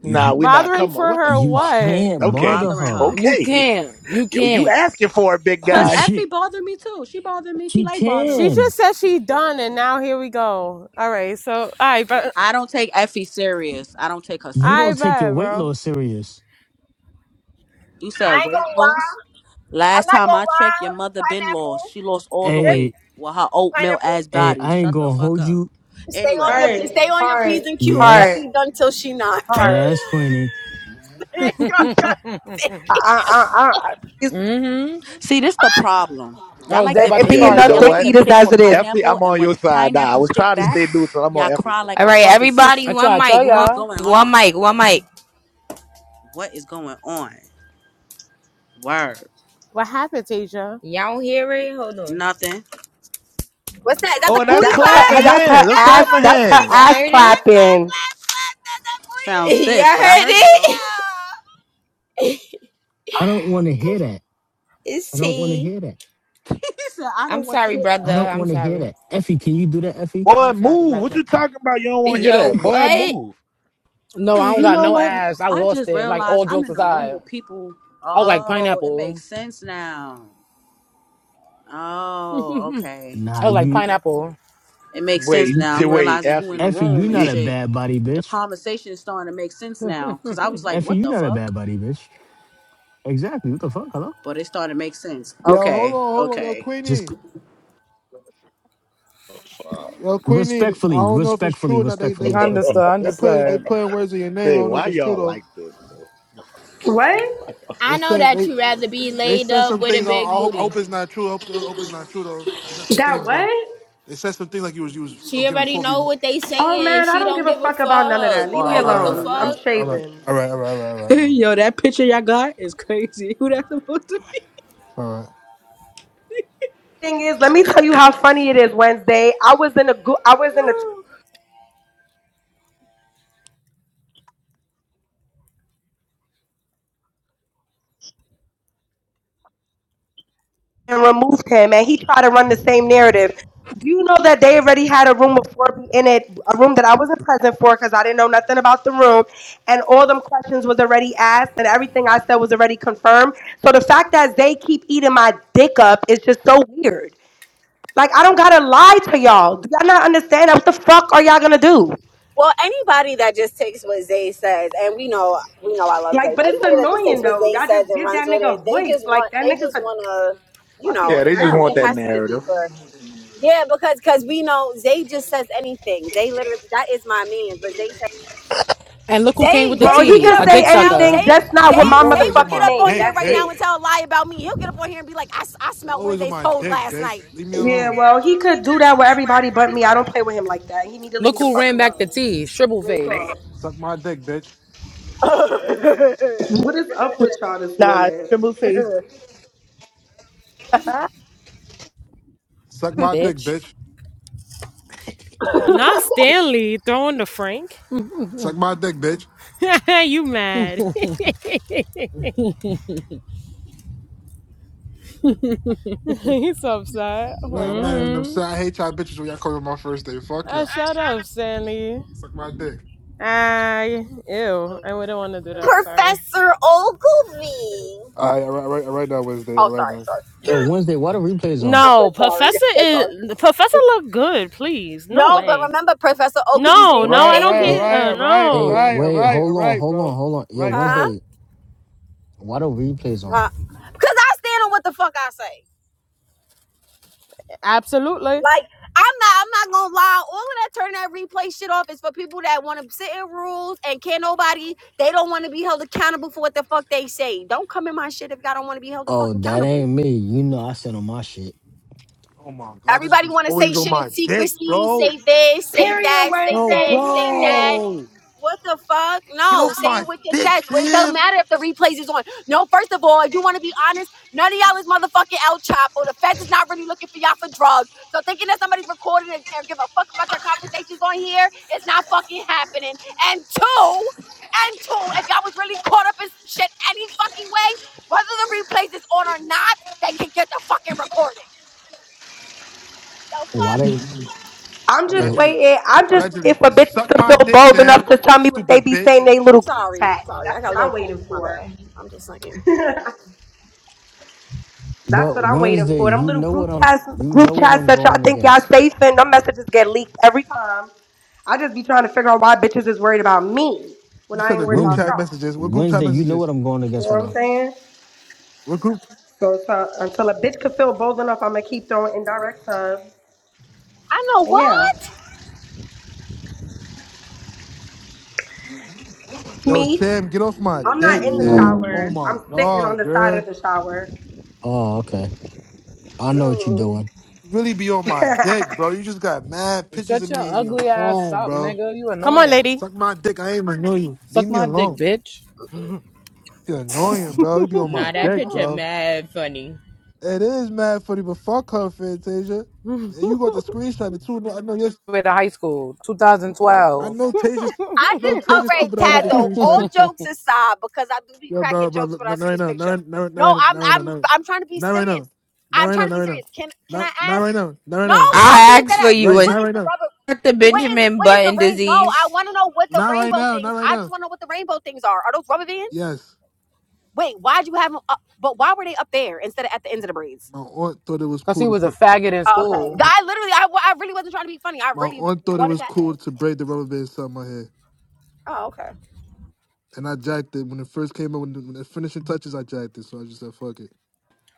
[SPEAKER 4] Nah,
[SPEAKER 8] y-
[SPEAKER 4] we not.
[SPEAKER 9] Bothering
[SPEAKER 4] Come
[SPEAKER 9] for
[SPEAKER 4] on. What the
[SPEAKER 9] her
[SPEAKER 8] you
[SPEAKER 4] fuck?
[SPEAKER 9] what?
[SPEAKER 8] can't
[SPEAKER 5] I'm
[SPEAKER 4] Okay.
[SPEAKER 8] bother
[SPEAKER 5] bothering
[SPEAKER 8] her.
[SPEAKER 5] her.
[SPEAKER 6] You
[SPEAKER 4] Okay.
[SPEAKER 6] can't. You
[SPEAKER 4] Yo, you
[SPEAKER 6] can't.
[SPEAKER 4] asking for it, big
[SPEAKER 8] Oh
[SPEAKER 5] Cause
[SPEAKER 4] guy.
[SPEAKER 5] Effie
[SPEAKER 8] shit.
[SPEAKER 5] bothered me too. She bothered me. She
[SPEAKER 8] She
[SPEAKER 5] like bothering
[SPEAKER 9] She
[SPEAKER 5] me.
[SPEAKER 8] can.
[SPEAKER 9] just said she done and now here we go. All right, so I bet
[SPEAKER 5] I don't take Effie serious. I don't take her
[SPEAKER 8] You
[SPEAKER 9] I
[SPEAKER 8] don't
[SPEAKER 5] serious.
[SPEAKER 8] take your
[SPEAKER 9] bet,
[SPEAKER 8] weight
[SPEAKER 9] bro.
[SPEAKER 8] loss serious.
[SPEAKER 5] You said
[SPEAKER 1] ain't
[SPEAKER 5] weight
[SPEAKER 1] gonna lie.
[SPEAKER 5] loss?
[SPEAKER 1] I'm
[SPEAKER 5] Last
[SPEAKER 1] not
[SPEAKER 5] time
[SPEAKER 1] gonna
[SPEAKER 5] I checked, your
[SPEAKER 1] lie.
[SPEAKER 5] mother been lost.
[SPEAKER 1] Pineapple,
[SPEAKER 5] She lost all the
[SPEAKER 1] just
[SPEAKER 8] Hey,
[SPEAKER 5] weight with her oatmeal
[SPEAKER 1] pineapple.
[SPEAKER 5] ass
[SPEAKER 8] hey,
[SPEAKER 5] body.
[SPEAKER 8] I ain't
[SPEAKER 5] Shut the
[SPEAKER 8] gonna
[SPEAKER 5] fuck
[SPEAKER 8] hold
[SPEAKER 5] up.
[SPEAKER 8] you.
[SPEAKER 1] Stay on your
[SPEAKER 5] Anyway,
[SPEAKER 3] Heart,
[SPEAKER 1] stay on your p's
[SPEAKER 3] heart,
[SPEAKER 1] and q's. F
[SPEAKER 3] heart,
[SPEAKER 8] Yes,
[SPEAKER 1] you done till she not.
[SPEAKER 3] heart.
[SPEAKER 8] yes, Queenie.
[SPEAKER 3] I, I, I, I please,
[SPEAKER 6] hmm
[SPEAKER 5] see this the problem.
[SPEAKER 6] I
[SPEAKER 5] Y'all
[SPEAKER 6] was
[SPEAKER 5] like
[SPEAKER 6] there
[SPEAKER 3] it,
[SPEAKER 5] to
[SPEAKER 6] about
[SPEAKER 3] it
[SPEAKER 6] to
[SPEAKER 3] be
[SPEAKER 5] pick.
[SPEAKER 4] Yeah,
[SPEAKER 6] start
[SPEAKER 4] you
[SPEAKER 3] enough
[SPEAKER 4] know
[SPEAKER 5] Y'all
[SPEAKER 3] dick
[SPEAKER 5] like
[SPEAKER 4] what?
[SPEAKER 6] too.
[SPEAKER 5] to
[SPEAKER 3] eaters
[SPEAKER 5] pick
[SPEAKER 3] as
[SPEAKER 5] with
[SPEAKER 3] it is.
[SPEAKER 4] Effie,
[SPEAKER 5] pineapple,
[SPEAKER 4] I'm
[SPEAKER 5] and
[SPEAKER 4] on
[SPEAKER 5] when
[SPEAKER 4] your side now. I
[SPEAKER 5] pineapple
[SPEAKER 4] was
[SPEAKER 5] pick
[SPEAKER 4] trying to stay
[SPEAKER 5] back,
[SPEAKER 4] neutral. I'm
[SPEAKER 5] y'all
[SPEAKER 4] on Effie's
[SPEAKER 5] cry like
[SPEAKER 7] All
[SPEAKER 4] side.
[SPEAKER 5] a
[SPEAKER 7] right,
[SPEAKER 5] fucking
[SPEAKER 7] everybody,
[SPEAKER 6] I
[SPEAKER 5] sissy.
[SPEAKER 7] one
[SPEAKER 6] try to
[SPEAKER 7] mic,
[SPEAKER 6] tell
[SPEAKER 5] What
[SPEAKER 7] one,
[SPEAKER 5] is
[SPEAKER 6] y'all.
[SPEAKER 5] going
[SPEAKER 7] one
[SPEAKER 5] on?
[SPEAKER 7] mic, one mic.
[SPEAKER 5] What is going on? Word.
[SPEAKER 9] What happened, Tasia?
[SPEAKER 7] Y'all don't hear it? Hold on.
[SPEAKER 5] Nothing.
[SPEAKER 1] What's that? Is that
[SPEAKER 4] Oh,
[SPEAKER 1] the
[SPEAKER 4] and that's
[SPEAKER 1] booty
[SPEAKER 3] That's her.
[SPEAKER 4] clapping
[SPEAKER 1] clapping?
[SPEAKER 3] That's her
[SPEAKER 4] hands. That's
[SPEAKER 1] And that
[SPEAKER 3] ass.
[SPEAKER 4] clapping
[SPEAKER 1] booty
[SPEAKER 3] That's her
[SPEAKER 1] shake,
[SPEAKER 4] hands.
[SPEAKER 7] Y'all
[SPEAKER 3] ass
[SPEAKER 1] clap,
[SPEAKER 7] heard it?
[SPEAKER 1] clap, clap,
[SPEAKER 3] clapping.
[SPEAKER 1] clap, clap. That's the booty.
[SPEAKER 5] Sounds
[SPEAKER 7] Y'all
[SPEAKER 5] stiff, but I heard it
[SPEAKER 1] me.
[SPEAKER 7] heard
[SPEAKER 5] though.
[SPEAKER 1] yeah.
[SPEAKER 7] it?
[SPEAKER 8] I don't want to hear that. I
[SPEAKER 7] it's
[SPEAKER 8] don't want to
[SPEAKER 7] T.
[SPEAKER 8] hear that.
[SPEAKER 5] he said, I
[SPEAKER 7] I'm
[SPEAKER 5] don't want to
[SPEAKER 7] sorry,
[SPEAKER 5] hear that.
[SPEAKER 7] brother.
[SPEAKER 8] I don't
[SPEAKER 7] I'm
[SPEAKER 8] want to hear
[SPEAKER 7] sorry.
[SPEAKER 8] that. Effie, can you do that, Effie?
[SPEAKER 7] I'm
[SPEAKER 4] Boy,
[SPEAKER 7] sorry,
[SPEAKER 4] move. What
[SPEAKER 7] brother.
[SPEAKER 4] you talking about? You don't want to hear
[SPEAKER 7] Yo,
[SPEAKER 4] that. Boy,
[SPEAKER 7] what?
[SPEAKER 4] move.
[SPEAKER 6] No, I don't
[SPEAKER 5] You
[SPEAKER 6] got
[SPEAKER 5] know
[SPEAKER 6] no
[SPEAKER 5] what?
[SPEAKER 6] ass. I
[SPEAKER 5] I
[SPEAKER 6] lost
[SPEAKER 5] just
[SPEAKER 6] it. Like
[SPEAKER 5] realized
[SPEAKER 6] all
[SPEAKER 5] I'm
[SPEAKER 6] jokes
[SPEAKER 5] in the room
[SPEAKER 6] aside.
[SPEAKER 5] with people.
[SPEAKER 6] I was like
[SPEAKER 5] Oh, it makes
[SPEAKER 6] pineapple.
[SPEAKER 5] sense now. Oh, okay.
[SPEAKER 6] I
[SPEAKER 8] Nah,
[SPEAKER 6] was like
[SPEAKER 8] you,
[SPEAKER 6] pineapple.
[SPEAKER 5] It makes sense
[SPEAKER 4] Wait,
[SPEAKER 8] you
[SPEAKER 5] now.
[SPEAKER 4] t-
[SPEAKER 5] I'm
[SPEAKER 4] wait,
[SPEAKER 5] realizing who in the
[SPEAKER 4] Effie,
[SPEAKER 8] Effie, you
[SPEAKER 5] room and
[SPEAKER 8] not
[SPEAKER 4] Effie.
[SPEAKER 8] a
[SPEAKER 5] shit.
[SPEAKER 8] bad body
[SPEAKER 5] The
[SPEAKER 8] bitch.
[SPEAKER 5] conversation is starting to make sense now. Cause I was like,
[SPEAKER 8] Effie,
[SPEAKER 5] what
[SPEAKER 8] you
[SPEAKER 5] the
[SPEAKER 8] not a
[SPEAKER 5] fuck?
[SPEAKER 8] bad body bitch. Exactly. What the fuck? Hello?
[SPEAKER 5] But it started to make sense.
[SPEAKER 10] Yo, hold
[SPEAKER 5] Okay,
[SPEAKER 10] on, hold on, yo,
[SPEAKER 5] okay.
[SPEAKER 8] Just
[SPEAKER 10] Queenie,
[SPEAKER 8] c-
[SPEAKER 10] yo, Queenie. I
[SPEAKER 8] respectfully,
[SPEAKER 10] don't know if it's
[SPEAKER 8] respectfully,
[SPEAKER 10] true or not. They
[SPEAKER 8] respectfully,
[SPEAKER 10] they
[SPEAKER 6] Understood,
[SPEAKER 8] respectfully.
[SPEAKER 10] they put they
[SPEAKER 6] understood.
[SPEAKER 10] putting words in your name. I
[SPEAKER 4] Say,
[SPEAKER 10] don't know if
[SPEAKER 4] why
[SPEAKER 10] it's true
[SPEAKER 4] y'all
[SPEAKER 10] though.
[SPEAKER 4] like this, bro?
[SPEAKER 3] What?
[SPEAKER 10] They
[SPEAKER 7] I know
[SPEAKER 10] said
[SPEAKER 7] that
[SPEAKER 10] they
[SPEAKER 7] you rather be
[SPEAKER 10] they
[SPEAKER 7] laid
[SPEAKER 10] said
[SPEAKER 7] up
[SPEAKER 10] some
[SPEAKER 7] with a
[SPEAKER 10] things. I,
[SPEAKER 7] big
[SPEAKER 10] I, hope, I
[SPEAKER 7] booty.
[SPEAKER 10] hope it's not true. I hope, I hope it's not true though. They said some
[SPEAKER 3] That
[SPEAKER 10] things though.
[SPEAKER 3] what?
[SPEAKER 10] They said some things like you was you was uh,
[SPEAKER 7] She
[SPEAKER 10] giving
[SPEAKER 7] already
[SPEAKER 10] Kobe.
[SPEAKER 7] know what they
[SPEAKER 3] Oh
[SPEAKER 7] saying.
[SPEAKER 3] man, I
[SPEAKER 7] She
[SPEAKER 3] don't
[SPEAKER 7] don't
[SPEAKER 3] give a
[SPEAKER 7] give a
[SPEAKER 3] fuck about none of that.
[SPEAKER 7] fuck.
[SPEAKER 3] Leave me
[SPEAKER 10] All right,
[SPEAKER 7] Like what the
[SPEAKER 10] all right,
[SPEAKER 3] alone.
[SPEAKER 10] all
[SPEAKER 3] I'm
[SPEAKER 10] right,
[SPEAKER 7] fuck?
[SPEAKER 10] all right,
[SPEAKER 3] shaving.
[SPEAKER 10] all right, all right, all right, all right. all
[SPEAKER 5] Yo, that picture y'all got is crazy. Who that's supposed to be?
[SPEAKER 10] right, all right.
[SPEAKER 3] Thing is, let me tell you how funny it is. Wednesday, I was in a go- I was in a t- and removed him, and he tried to run the same narrative. Do you know that they already had a room with 4B in it, a room that I wasn't present for because I didn't know nothing about the room, and all them questions was already asked, and everything I said was already confirmed. So the fact that they keep eating my dick up is just so weird. Like I don't gotta lie to y'all. Do y'all not understand? What the fuck are y'all gonna do?
[SPEAKER 1] Well, anybody that just takes what Zay says, and we know we know I love Zay,
[SPEAKER 3] Like, but
[SPEAKER 1] but
[SPEAKER 3] it's
[SPEAKER 1] anybody that just takes
[SPEAKER 3] annoying
[SPEAKER 1] what
[SPEAKER 3] though.
[SPEAKER 1] Zay
[SPEAKER 3] Y'all
[SPEAKER 1] says
[SPEAKER 3] just
[SPEAKER 1] and
[SPEAKER 3] give
[SPEAKER 1] runs
[SPEAKER 3] that
[SPEAKER 1] with
[SPEAKER 3] nigga
[SPEAKER 1] it,
[SPEAKER 3] a
[SPEAKER 1] they
[SPEAKER 3] voice.
[SPEAKER 1] just
[SPEAKER 3] Like
[SPEAKER 1] want
[SPEAKER 3] that
[SPEAKER 1] they
[SPEAKER 3] nigga's
[SPEAKER 1] just
[SPEAKER 3] a
[SPEAKER 1] want to, you know,
[SPEAKER 3] fucking
[SPEAKER 4] Yeah,
[SPEAKER 1] it
[SPEAKER 4] they
[SPEAKER 1] just
[SPEAKER 4] just want
[SPEAKER 1] it
[SPEAKER 4] that
[SPEAKER 3] clown.
[SPEAKER 1] has to just be
[SPEAKER 4] narrative.
[SPEAKER 1] for yeah, because because we know Zay just says anything. Zay literally that is my man, but Zay says
[SPEAKER 6] And look who came
[SPEAKER 1] Zay
[SPEAKER 6] with the
[SPEAKER 1] Zay
[SPEAKER 3] Well, he
[SPEAKER 1] could get
[SPEAKER 6] tea.
[SPEAKER 3] could
[SPEAKER 1] up
[SPEAKER 6] A
[SPEAKER 1] right
[SPEAKER 3] say
[SPEAKER 6] dick
[SPEAKER 1] now.
[SPEAKER 3] anything,
[SPEAKER 6] sucker.
[SPEAKER 1] Zay
[SPEAKER 3] just not with
[SPEAKER 10] You
[SPEAKER 3] my
[SPEAKER 1] Zay Zay
[SPEAKER 10] always
[SPEAKER 1] would
[SPEAKER 10] on
[SPEAKER 1] get
[SPEAKER 3] motherfucking
[SPEAKER 10] my
[SPEAKER 1] up on
[SPEAKER 3] name.
[SPEAKER 1] here
[SPEAKER 10] dick,
[SPEAKER 3] That's
[SPEAKER 1] right
[SPEAKER 10] bitch.
[SPEAKER 1] now
[SPEAKER 3] it.
[SPEAKER 1] and tell a lie about me. He'll get up on here and be like, I s- I
[SPEAKER 10] You
[SPEAKER 1] smelt
[SPEAKER 10] always on
[SPEAKER 1] Wednesday's
[SPEAKER 10] my
[SPEAKER 1] toes
[SPEAKER 10] dick,
[SPEAKER 1] last
[SPEAKER 10] bitch.
[SPEAKER 1] night.
[SPEAKER 10] Leave me
[SPEAKER 3] Yeah,
[SPEAKER 10] alone.
[SPEAKER 3] well, he could do that with everybody but me. I don't play with him like that. He need to leave me
[SPEAKER 6] Look
[SPEAKER 3] the
[SPEAKER 6] who
[SPEAKER 3] fuck
[SPEAKER 6] ran back the
[SPEAKER 3] alone.
[SPEAKER 6] tea. Shrivel
[SPEAKER 3] Real
[SPEAKER 6] face.
[SPEAKER 3] talk.
[SPEAKER 10] Suck my dick, bitch.
[SPEAKER 3] What is up with y'all this
[SPEAKER 11] Nah,
[SPEAKER 3] morning?
[SPEAKER 11] Trimble face.
[SPEAKER 10] Suck my dick,
[SPEAKER 6] Bitch.
[SPEAKER 10] bitch.
[SPEAKER 9] Not Stanley throwing the Frank.
[SPEAKER 10] Suck my dick, bitch.
[SPEAKER 9] you mad. He's so upset. Oh my
[SPEAKER 10] Nah, I'm not
[SPEAKER 9] god.
[SPEAKER 10] even upset.
[SPEAKER 6] Mm-hmm.
[SPEAKER 10] I hate y'all bitches when y'all come to my first day. Fuck
[SPEAKER 9] Uh,
[SPEAKER 10] y'all.
[SPEAKER 9] shut up, Stanley.
[SPEAKER 10] Suck my dick.
[SPEAKER 9] I ew. I wouldn't want to do that. Sorry.
[SPEAKER 1] Professor Ogilvy.
[SPEAKER 10] All right, all right, all right, all right now, Wednesday. All
[SPEAKER 1] Oh,
[SPEAKER 10] right
[SPEAKER 1] sorry,
[SPEAKER 10] now.
[SPEAKER 1] sorry.
[SPEAKER 8] Yo, Wednesday, why the replays on?
[SPEAKER 1] I'm so
[SPEAKER 9] No,
[SPEAKER 1] sorry.
[SPEAKER 9] Professor
[SPEAKER 1] I'm so
[SPEAKER 9] is
[SPEAKER 1] sorry.
[SPEAKER 9] Professor look good. Please, no
[SPEAKER 1] No, but
[SPEAKER 9] way.
[SPEAKER 1] remember, Professor Ogilvy's
[SPEAKER 9] No,
[SPEAKER 10] All
[SPEAKER 1] name was
[SPEAKER 9] no,
[SPEAKER 10] right,
[SPEAKER 9] I
[SPEAKER 10] all
[SPEAKER 9] don't
[SPEAKER 10] right, all
[SPEAKER 8] Hey,
[SPEAKER 9] care.
[SPEAKER 1] Stanley.
[SPEAKER 10] right,
[SPEAKER 9] Uh,
[SPEAKER 10] all right, all
[SPEAKER 8] hey,
[SPEAKER 9] no.
[SPEAKER 10] right, all
[SPEAKER 8] wait,
[SPEAKER 10] right, all
[SPEAKER 8] hold on,
[SPEAKER 10] right,
[SPEAKER 8] hold
[SPEAKER 10] bro.
[SPEAKER 8] on,
[SPEAKER 10] All
[SPEAKER 8] hold on. Yo,
[SPEAKER 10] right,
[SPEAKER 1] Huh?
[SPEAKER 10] bro.
[SPEAKER 8] Wednesday, why the replays on?
[SPEAKER 1] Huh? Because I stand on what the fuck I say.
[SPEAKER 9] Absolutely.
[SPEAKER 1] Like, I'm not, I'm not gonna lie. All of that turn that replay shit off is for people that want to sit in rules and can't nobody, they don't want to be held accountable for what the fuck they say. Don't come in my shit if y'all don't want to be held the
[SPEAKER 8] Oh,
[SPEAKER 1] fucking
[SPEAKER 8] that
[SPEAKER 1] accountable.
[SPEAKER 8] ain't me. You know I sent on my shit.
[SPEAKER 10] Oh my god, this
[SPEAKER 1] Everybody
[SPEAKER 10] bitch
[SPEAKER 1] want to say
[SPEAKER 10] always on
[SPEAKER 1] shit in
[SPEAKER 10] my dick,
[SPEAKER 1] secrecy,
[SPEAKER 10] bro.
[SPEAKER 1] say this, say
[SPEAKER 3] Period
[SPEAKER 1] that, say
[SPEAKER 10] No,
[SPEAKER 3] Wednesday,
[SPEAKER 1] this, say that.
[SPEAKER 3] period.
[SPEAKER 10] bro.
[SPEAKER 1] What the fuck?
[SPEAKER 10] Get
[SPEAKER 1] No,
[SPEAKER 10] off
[SPEAKER 1] say
[SPEAKER 10] my
[SPEAKER 1] it with your
[SPEAKER 10] dick,
[SPEAKER 1] chest. Well, It doesn't
[SPEAKER 10] Sam.
[SPEAKER 1] matter if the replays is on. No, first of all, you want to be honest. None of y'all is motherfucking El Chapo. The feds is not really looking for y'all for drugs. So thinking that somebody's recording and, and give a fuck about your conversations on here is not fucking happening. And two, and two, if y'all was really caught up in some shit any fucking way, whether the replays is on or not, they can get the fucking recording. So
[SPEAKER 8] Why
[SPEAKER 1] fuck.
[SPEAKER 8] they?
[SPEAKER 3] I'm just
[SPEAKER 8] Yo,
[SPEAKER 10] Allegedly.
[SPEAKER 3] waiting. I'm just waiting
[SPEAKER 10] Allegedly.
[SPEAKER 3] for bitches
[SPEAKER 10] Suck
[SPEAKER 3] to
[SPEAKER 10] my
[SPEAKER 3] feel
[SPEAKER 10] dick,
[SPEAKER 3] bold
[SPEAKER 10] Sam.
[SPEAKER 3] enough to tell me what they
[SPEAKER 10] Stupid
[SPEAKER 3] be
[SPEAKER 10] bitch.
[SPEAKER 3] saying in they little group
[SPEAKER 1] Sorry,
[SPEAKER 3] chat.
[SPEAKER 1] sorry, I
[SPEAKER 3] That's
[SPEAKER 1] got
[SPEAKER 3] what
[SPEAKER 1] a
[SPEAKER 3] I'm
[SPEAKER 1] little
[SPEAKER 3] waiting
[SPEAKER 1] pain. My
[SPEAKER 3] for.
[SPEAKER 1] bad. I'm just saying.
[SPEAKER 3] That's
[SPEAKER 8] but
[SPEAKER 3] what I'm waiting
[SPEAKER 8] Wednesday,
[SPEAKER 3] for. Them
[SPEAKER 8] you
[SPEAKER 3] little
[SPEAKER 8] know what
[SPEAKER 3] group
[SPEAKER 8] I'm.
[SPEAKER 3] chats,
[SPEAKER 8] You
[SPEAKER 3] group
[SPEAKER 8] know what
[SPEAKER 3] chats
[SPEAKER 8] I'm
[SPEAKER 3] that y'all
[SPEAKER 8] going
[SPEAKER 3] think y'all
[SPEAKER 8] against.
[SPEAKER 3] safe in, them messages get leaked every time. I just be trying to figure out why bitches is worried about me
[SPEAKER 10] You
[SPEAKER 3] when I
[SPEAKER 10] said
[SPEAKER 3] ain't
[SPEAKER 10] the
[SPEAKER 3] worried
[SPEAKER 10] group
[SPEAKER 3] about
[SPEAKER 8] Wednes
[SPEAKER 10] chat
[SPEAKER 3] y'all.
[SPEAKER 10] messages. What group chat
[SPEAKER 8] Wednesday, you know
[SPEAKER 10] messages?
[SPEAKER 8] what I'm going
[SPEAKER 3] You know
[SPEAKER 8] against right
[SPEAKER 3] what I'm
[SPEAKER 8] now.
[SPEAKER 3] saying?
[SPEAKER 10] What group?
[SPEAKER 3] So, so until a bitch could feel bold enough, I'm gonna keep throwing indirect subs.
[SPEAKER 1] I know
[SPEAKER 3] And
[SPEAKER 1] what.
[SPEAKER 3] yeah,
[SPEAKER 10] Yo,
[SPEAKER 3] me.
[SPEAKER 10] Sam, get off my
[SPEAKER 3] I'm not
[SPEAKER 10] dick,
[SPEAKER 3] in the
[SPEAKER 10] Sam. Oh
[SPEAKER 3] shower.
[SPEAKER 10] my
[SPEAKER 3] I'm sitting on
[SPEAKER 10] god,
[SPEAKER 3] the
[SPEAKER 10] girl.
[SPEAKER 3] side of the shower.
[SPEAKER 8] Oh, okay. I know what you're doing.
[SPEAKER 10] really be on my dick, bro. You just got mad pictures
[SPEAKER 6] Shut
[SPEAKER 10] of
[SPEAKER 6] your
[SPEAKER 10] me in your
[SPEAKER 6] ugly ass
[SPEAKER 10] phone,
[SPEAKER 6] up,
[SPEAKER 10] bro.
[SPEAKER 6] nigga. You
[SPEAKER 9] Come on,
[SPEAKER 6] annoying.
[SPEAKER 9] lady.
[SPEAKER 10] Suck my dick. I ain't even know you. Leave
[SPEAKER 6] Suck
[SPEAKER 10] me
[SPEAKER 6] my dick,
[SPEAKER 10] alone.
[SPEAKER 6] bitch.
[SPEAKER 10] You're annoying, bro. You be on my
[SPEAKER 7] Nah, that
[SPEAKER 10] dick,
[SPEAKER 7] picture
[SPEAKER 10] bro.
[SPEAKER 7] mad funny.
[SPEAKER 10] It is mad funny, but fuck her, Fantasia. And you got the screenshot it too. No, I know yes.
[SPEAKER 6] Way to high school,
[SPEAKER 10] I
[SPEAKER 6] 2012.
[SPEAKER 10] know Tasia.
[SPEAKER 1] I
[SPEAKER 10] No,
[SPEAKER 1] just all
[SPEAKER 10] Tasia
[SPEAKER 1] right,
[SPEAKER 10] stupid ass got the
[SPEAKER 7] I
[SPEAKER 1] Tazzo.
[SPEAKER 10] screenshot
[SPEAKER 1] All
[SPEAKER 10] it.
[SPEAKER 1] jokes aside, because I do be
[SPEAKER 10] Yo, bro,
[SPEAKER 1] cracking
[SPEAKER 10] bro.
[SPEAKER 1] jokes when
[SPEAKER 10] No,
[SPEAKER 1] I
[SPEAKER 10] no,
[SPEAKER 1] see
[SPEAKER 10] right
[SPEAKER 1] this
[SPEAKER 10] now. Not
[SPEAKER 1] picture.
[SPEAKER 10] right- no, right- no,
[SPEAKER 1] No,
[SPEAKER 10] right-
[SPEAKER 1] I'm
[SPEAKER 10] no, right now.
[SPEAKER 1] I'm
[SPEAKER 10] No,
[SPEAKER 1] I'm trying to be
[SPEAKER 10] not right
[SPEAKER 1] serious.
[SPEAKER 10] now. Not
[SPEAKER 1] I'm
[SPEAKER 10] right now.
[SPEAKER 1] trying to
[SPEAKER 10] Not
[SPEAKER 1] be
[SPEAKER 10] right now.
[SPEAKER 1] serious. Can can
[SPEAKER 10] Not
[SPEAKER 1] I
[SPEAKER 10] not
[SPEAKER 1] ask?
[SPEAKER 10] right now. Not right
[SPEAKER 1] No,
[SPEAKER 10] now.
[SPEAKER 1] I'm being
[SPEAKER 7] asked
[SPEAKER 1] dead
[SPEAKER 7] for
[SPEAKER 1] ass.
[SPEAKER 7] you.
[SPEAKER 10] Right.
[SPEAKER 1] What
[SPEAKER 10] Not
[SPEAKER 7] Is
[SPEAKER 1] is
[SPEAKER 10] right
[SPEAKER 1] the
[SPEAKER 10] now.
[SPEAKER 1] rubber?
[SPEAKER 7] that the
[SPEAKER 1] What is
[SPEAKER 7] Benjamin
[SPEAKER 1] what is the
[SPEAKER 7] Button
[SPEAKER 1] rain? No, I
[SPEAKER 7] disease?
[SPEAKER 1] want to know what the
[SPEAKER 10] Not right
[SPEAKER 1] rainbow
[SPEAKER 10] now. Not
[SPEAKER 1] things.
[SPEAKER 10] right
[SPEAKER 1] I just
[SPEAKER 10] now.
[SPEAKER 1] want to know what the rainbow things are. Are those rubber bands?
[SPEAKER 10] Yes.
[SPEAKER 1] Wait, why'd you have them up? But why were they up there instead of at the ends of the braids?
[SPEAKER 10] My aunt thought it was
[SPEAKER 6] Cause he
[SPEAKER 10] cool to
[SPEAKER 6] was a
[SPEAKER 10] put
[SPEAKER 6] faggot in
[SPEAKER 1] Oh, okay.
[SPEAKER 6] school.
[SPEAKER 10] My
[SPEAKER 1] I literally, I, I really wasn't trying to be funny. I
[SPEAKER 10] my
[SPEAKER 1] really
[SPEAKER 10] aunt thought it
[SPEAKER 1] wanted
[SPEAKER 10] was
[SPEAKER 1] to. ask.
[SPEAKER 10] cool to braid the rubber band inside my hair,
[SPEAKER 1] Oh, okay.
[SPEAKER 10] and I jacked it when it first came out. When the, when the finishing touches, I jacked it, so I just said, "Fuck it."